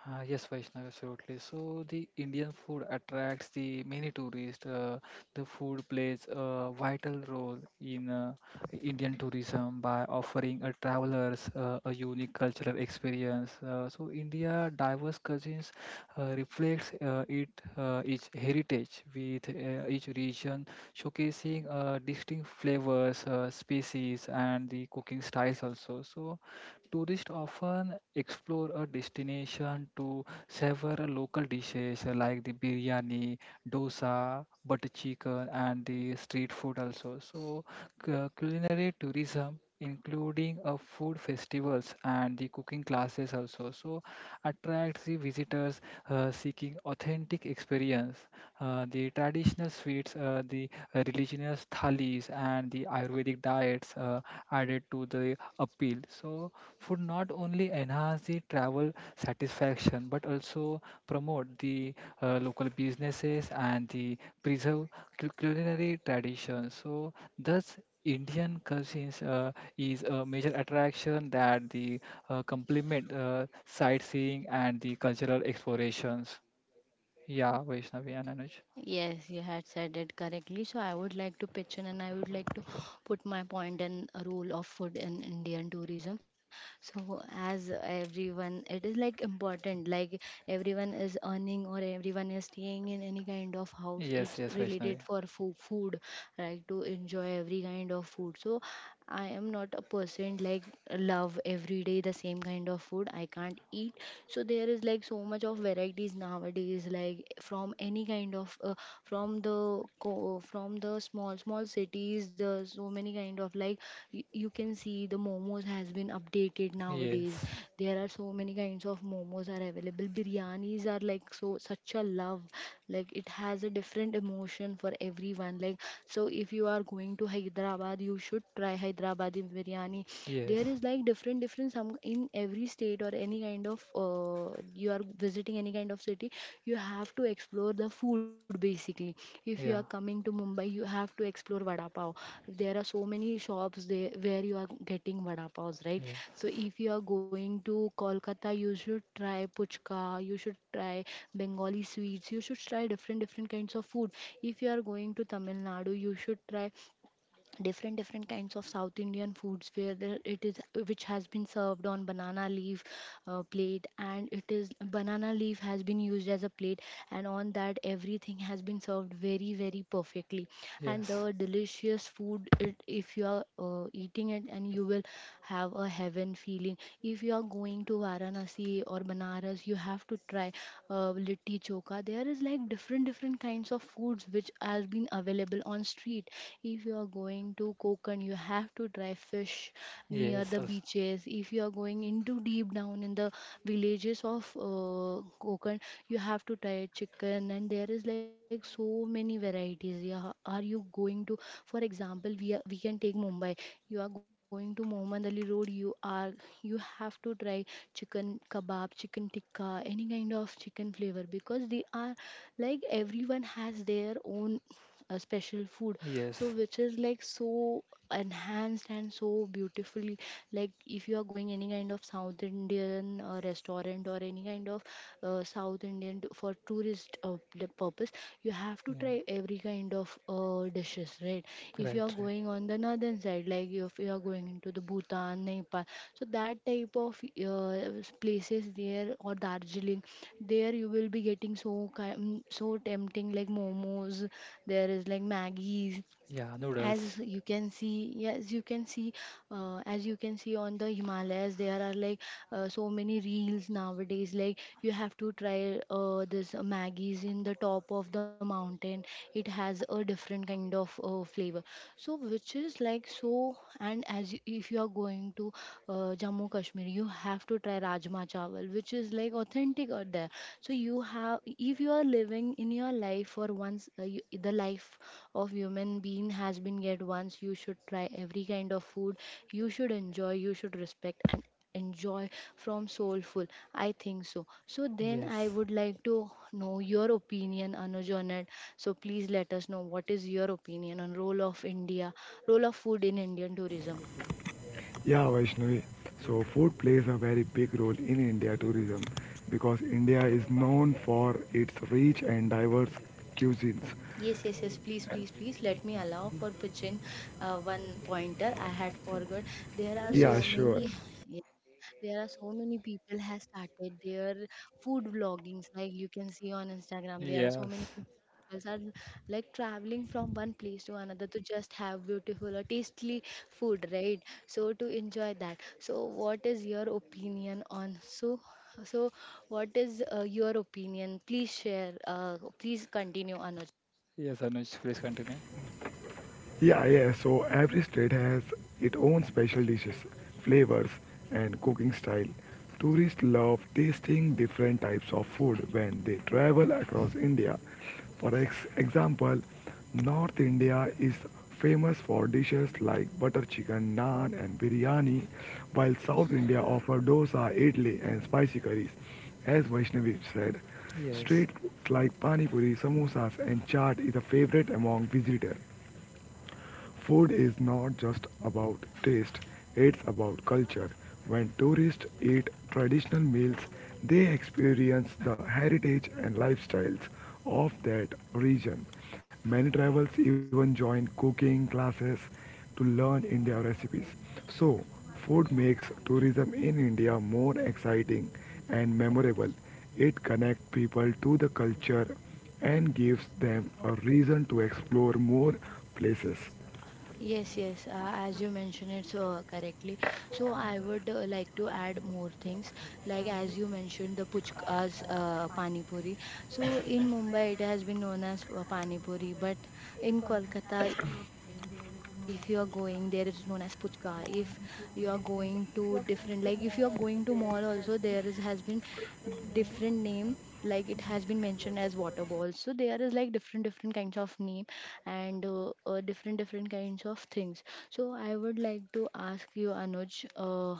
[SPEAKER 3] Yes, Vaishnav, absolutely. So the Indian food attracts the many tourists. The food plays a vital role in Indian tourism by offering travelers a unique cultural experience. So India diverse cuisines reflects it its heritage with each region showcasing distinct flavors, species, and the cooking styles also. So tourists often explore a destination to savor local dishes like the biryani, dosa, butter chicken, and the street food also. So, culinary tourism, including a food festivals and the cooking classes also, so attracts the visitors seeking authentic experience. The traditional sweets, the religious thalis, and the Ayurvedic diets added to the appeal. So food not only enhance the travel satisfaction but also promote the local businesses and the preserve culinary traditions so thus Indian cuisines is a major attraction that the complement sightseeing and the cultural explorations. Yeah, Vaishnavi and Anuj.
[SPEAKER 1] Yes, you had said it correctly. So I would like to pitch in and I would like to put my point and a role of food in Indian tourism. So as everyone, it is like important, like everyone is earning or everyone is staying in any kind of house. It's
[SPEAKER 3] Yes, yes,
[SPEAKER 1] related
[SPEAKER 3] Vaishnavi.
[SPEAKER 1] for food, food, right? To enjoy every kind of food. So I am not a person like love every day the same kind of food. I can't eat. So there is like so much of varieties nowadays, like from any kind of from the from the small small cities, the so many kind of like you can see the momos has been updated nowadays.
[SPEAKER 3] Yes,
[SPEAKER 1] There are so many kinds of momos are available. Biryanis are like so such a love, like it has a different emotion for everyone. Like so if you are going to Hyderabad, you should try Hyderabadi biryani.
[SPEAKER 3] yes,
[SPEAKER 1] There is like different different some in every state or any kind of, you are visiting any kind of city, you have to explore the food basically. If you are
[SPEAKER 3] yeah,
[SPEAKER 1] coming to Mumbai, you have to explore vada pav. There are so many shops there where you are getting vada paos, right?
[SPEAKER 3] yes,
[SPEAKER 1] So if you are going to Kolkata, you should try puchka, you should try Bengali sweets, you should try different different kinds of food. If you are going to Tamil Nadu, you should try different different kinds of South Indian foods, where the, it is which has been served on banana leaf plate, and it is banana leaf has been used as a plate, and on that everything has been served very very perfectly. And
[SPEAKER 3] yes,
[SPEAKER 1] the delicious food, it, if you are eating it and you will have a heaven feeling. If you are going to Varanasi or Banaras, Banaras you have to try litti choka. There is like different different kinds of foods which has been available on street. If you are going to Kokan, you have to try fish near
[SPEAKER 3] yes,
[SPEAKER 1] the
[SPEAKER 3] also,
[SPEAKER 1] beaches. If you are going into deep down in the villages of Kokan, you have to try chicken and there is like so many varieties. Yeah, are you going to, for example, we can take Mumbai. You are going to Mohammed Ali Road, you are, you have to try chicken kebab, chicken tikka, any kind of chicken flavor, because they are like everyone has their own special food. So
[SPEAKER 3] yes,
[SPEAKER 1] which is like so enhanced and so beautifully. Like if you are going any kind of South Indian restaurant or any kind of South Indian for tourist purpose, you have to
[SPEAKER 3] yeah,
[SPEAKER 1] try every kind of dishes, right? If you are
[SPEAKER 3] right, right.
[SPEAKER 1] going on the northern side, like if you are going into the Bhutan, Nepal, so that type of uh, places there, or Darjeeling, there you will be getting so so tempting like momos. There is like maggies,
[SPEAKER 3] Yeah,
[SPEAKER 1] as
[SPEAKER 3] noodles.
[SPEAKER 1] you can see. Yes, you can see as you can see on the Himalayas there are like so many reels nowadays, like you have to try this Maggie's in the top of the mountain. It has a different kind of flavor. So which is like so, and as you, if you are going to Jammu Kashmir, you have to try rajma chawal, which is like authentic out there. So you have, if you are living in your life for once, you, the life of human being has been get once, you should try every kind of food. You should enjoy, you should respect and enjoy from soulful, I think so. So then I
[SPEAKER 3] Yes.
[SPEAKER 1] would like to know your opinion, Anuj, on it. So please let us know what is your opinion on role of India, role of food in Indian tourism.
[SPEAKER 2] Yeah, Vaishnavi. So food plays a very big role in India tourism because India is known for its rich and diverse cuisines.
[SPEAKER 1] Yes, yes, yes. Please, please, please let me allow for pitching one pointer. I had forgot. There are
[SPEAKER 2] Yeah,
[SPEAKER 1] so
[SPEAKER 3] Yes.
[SPEAKER 2] sure.
[SPEAKER 1] many. There are so many people has started their food vloggings, like you can see on Instagram there are so
[SPEAKER 3] Yes.
[SPEAKER 1] many people are like traveling from one place to another to just have beautiful or tasty food, right? So to enjoy that. So what is your opinion on, so so what is your opinion? Please share, please continue, Anuj.
[SPEAKER 3] Yes, Anuj, please continue.
[SPEAKER 2] Yeah, yeah. So every state has its own special dishes, flavors, and cooking style. Tourists love tasting different types of food when they travel across India. For example, North India is famous for dishes like butter chicken, naan, and biryani, while South India offers dosa, idli, and spicy curries. As Vaishnavi said,
[SPEAKER 3] Yes.
[SPEAKER 2] street foods like pani puri, samosas, and chaat is a favorite among visitors. Food is not just about taste, it's about culture. When tourists eat traditional meals, they experience the heritage and lifestyles of that region. Many travelers even join cooking classes to learn India recipes. So, food makes tourism in India more exciting and memorable. It connects people to the culture and gives them a reason to explore more places.
[SPEAKER 1] Yes, yes, as you mentioned it so correctly. So I would like to add more things, like as you mentioned the puchkas, pani puri. So in Mumbai it has been known as pani puri, but in Kolkata if you are going there it's known as puchka. If you are going to different, like if you are going to mall also, there is has been different name, like it has been mentioned as water balls. So there is like different different kinds of name, and different different kinds of things. So I would like to ask you Anuj,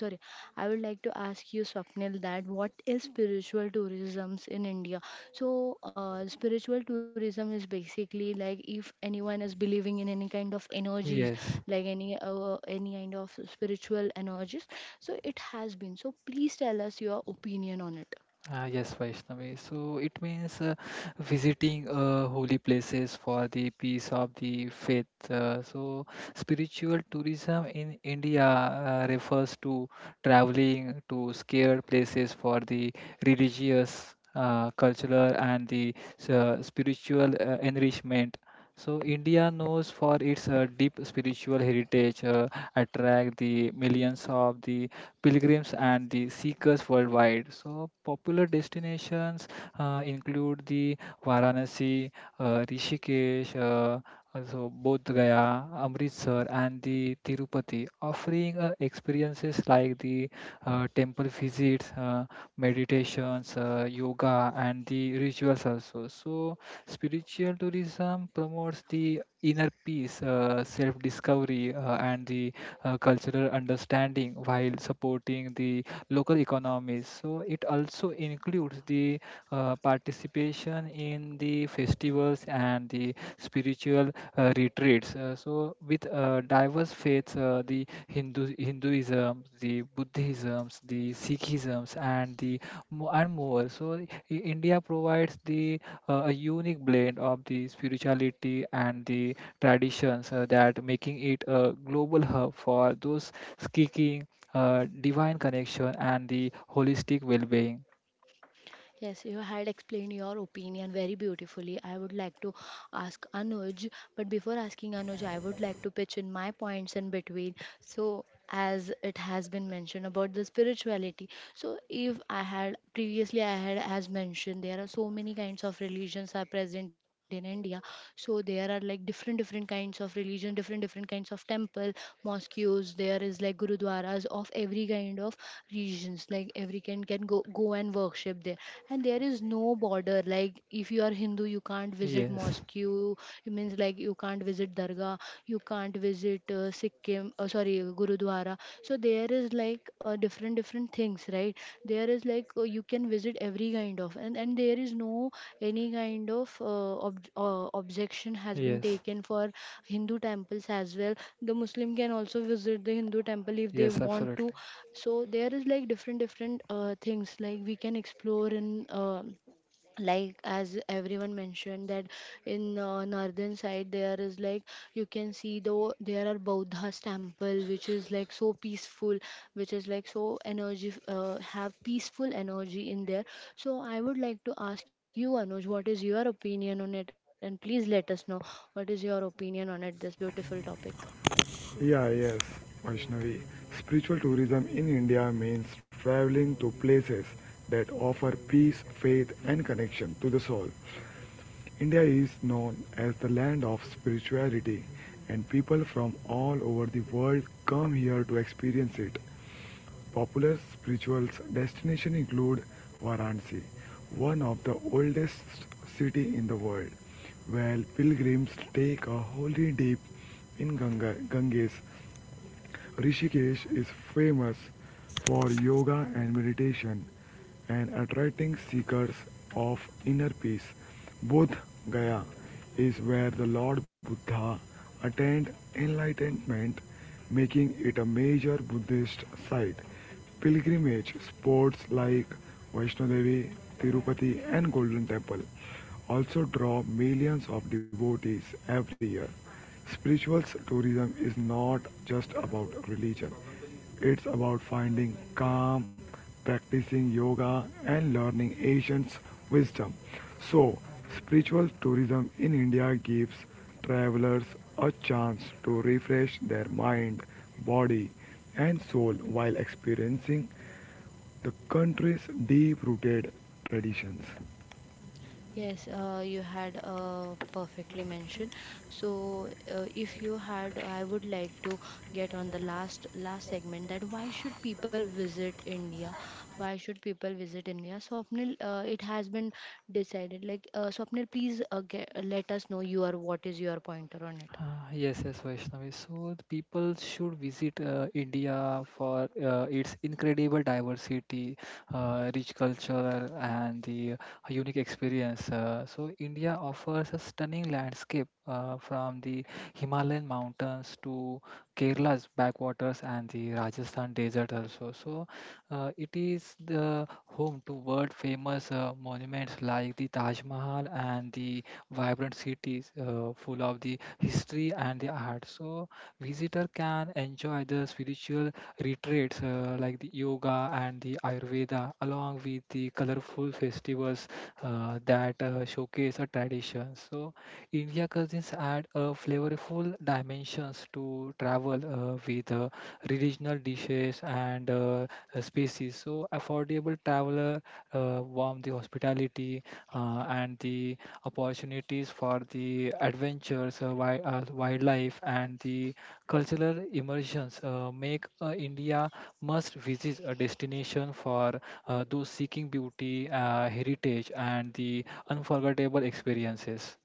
[SPEAKER 1] sorry, I would like to ask you Swapnil, that what is spiritual tourisms in India? So spiritual tourism is basically like if anyone is believing in any kind of energies,
[SPEAKER 3] Yes.
[SPEAKER 1] like any kind of spiritual energies. So it has been, so please tell us your opinion on it.
[SPEAKER 3] Ah, yes, Vaishnavi. So it means visiting holy places for the peace of the faith. So spiritual tourism in India refers to traveling to scared places for the religious, cultural, and the spiritual enrichment. So India knows for its deep spiritual heritage, attract the millions of the pilgrims and the seekers worldwide. So, popular destinations include the Varanasi, Rishikesh, also Bodh Gaya, Amritsar, and the Tirupati, offering experiences like the temple visits, meditations, yoga, and the rituals also. So, spiritual tourism promotes the inner peace, self-discovery, and the cultural understanding while supporting the local economies. So it also includes the participation in the festivals and the spiritual retreats. So with diverse faiths, the Hinduism, the Buddhism, the Sikhisms, and the and more. So India provides the a unique blend of the spirituality and the traditions that making it a global hub for those seeking divine connection and the holistic well-being.
[SPEAKER 1] Yes, you had explained your opinion very beautifully. I would like to ask Anuj, but before asking Anuj, I would like to pitch in my points in between. So, as it has been mentioned about the spirituality, so if I had previously, I had as mentioned, there are so many kinds of religions are present in India. So there are like different different kinds of religion, different different kinds of temple, mosques. There is like gurudwaras of every kind of regions, like every can can go and worship there, and there is no border. Like if you are Hindu, you can't visit
[SPEAKER 3] Yes,
[SPEAKER 1] mosque, you, it means like you can't visit dargah, you can't visit Sikkim, sorry, gurudwara. So there is like different different things, right? There is like, you can visit every kind of, and there is no any kind of objection has been
[SPEAKER 3] yes,
[SPEAKER 1] taken for Hindu temples as well. The Muslim can also visit the Hindu temple if they
[SPEAKER 3] yes,
[SPEAKER 1] want to.
[SPEAKER 3] absolutely.
[SPEAKER 1] So there is like different different things, like we can explore in, like as everyone mentioned, that in northern side there is like you can see, though there are Buddha's temple which is like so peaceful, which is like so energy, have peaceful energy in there. So I would like to ask you, Anuj, what is your opinion on it, and please let us know what is your opinion on it, this beautiful topic.
[SPEAKER 2] Yeah, yes, Vaishnavi. Spiritual tourism in India means traveling to places that offer peace, faith, and connection to the soul. India is known as the land of spirituality, and people from all over the world come here to experience it. Popular spiritual destinations include Varanasi, one of the oldest city in the world, where pilgrims take a holy dip in Ganges. Rishikesh is famous for yoga and meditation and attracting seekers of inner peace. Bodh Gaya is where the Lord Buddha attained enlightenment making it a major Buddhist site. Pilgrimage spots like Vaishno Devi, Tirupati, and Golden Temple also draw millions of devotees every year. Spiritual tourism is not just about religion, it's about finding calm, practicing yoga, and learning ancient wisdom. So, spiritual tourism in India gives travelers a chance to refresh their mind, body, and soul while experiencing the country's deep rooted traditions.
[SPEAKER 1] Yes, you had perfectly mentioned. So, if you had, I would like to get on the last segment, that why should people visit India? Why should people visit India? Swapnil, it has been decided. Like Swapnil, please let us know your, what is your pointer on it.
[SPEAKER 3] Uh, yes, yes, Vaishnavi. So the people should visit India for its incredible diversity, rich culture, and the unique experience. So India offers a stunning landscape from the Himalayan mountains to Kerala's backwaters and the Rajasthan desert also. So it is the home to world famous monuments like the Taj Mahal and the vibrant cities full of the history and the art. So visitor can enjoy the spiritual retreats like the yoga and the Ayurveda, along with the colorful festivals that showcase a tradition. So India cuisines add a flavorful dimensions to travel with regional dishes and species. So affordable traveler warm the hospitality and the opportunities for the adventures, wildlife, and the cultural immersions make India must visit a destination for those seeking beauty, heritage, and the unforgettable experiences.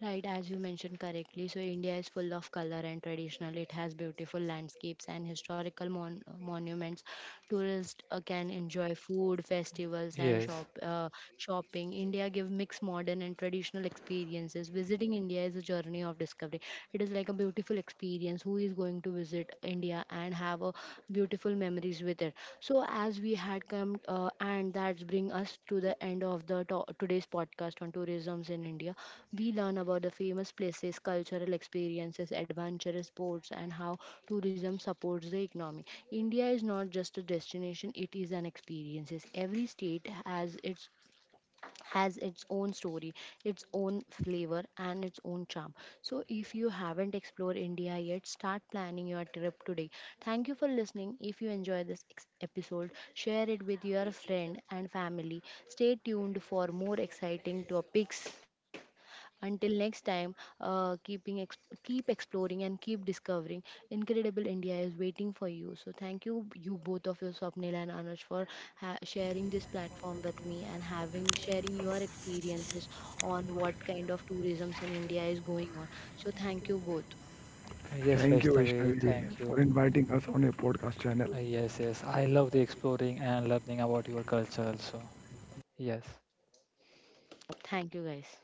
[SPEAKER 1] Right, as you mentioned correctly, so India is full of color and traditional. It has beautiful landscapes and historical monuments. Tourists can enjoy food, festivals, and
[SPEAKER 3] Yes,
[SPEAKER 1] shopping. India gives mixed modern and traditional experiences. Visiting India is a journey of discovery. It is like a beautiful experience. Who is going to visit India and have a beautiful memories with it? So as we had come, and that's bring us to the end of the today's podcast on tourism's in India. We learn about the famous places, cultural experiences, adventurous sports, and how tourism supports the economy. India is not just a destination, it is an experience. Every state has its, has its own story, its own flavor, and its own charm. So, if you haven't explored India yet, start planning your trip today. Thank you for listening. If you enjoy this episode, share it with your friend and family. Stay tuned for more exciting topics. Until next time, uh, keeping ex- keep exploring and keep discovering. Incredible India is waiting for you. So thank you, both of you, Swapnil and Anuj, for sharing this platform with me and having sharing your experiences on what kind of tourisms in India is going on. So thank you both.
[SPEAKER 3] Yes,
[SPEAKER 2] Thank you,
[SPEAKER 3] Vaishnavi,
[SPEAKER 2] Vaishnavi,
[SPEAKER 3] thank
[SPEAKER 2] for inviting us on your podcast channel.
[SPEAKER 1] Thank you guys.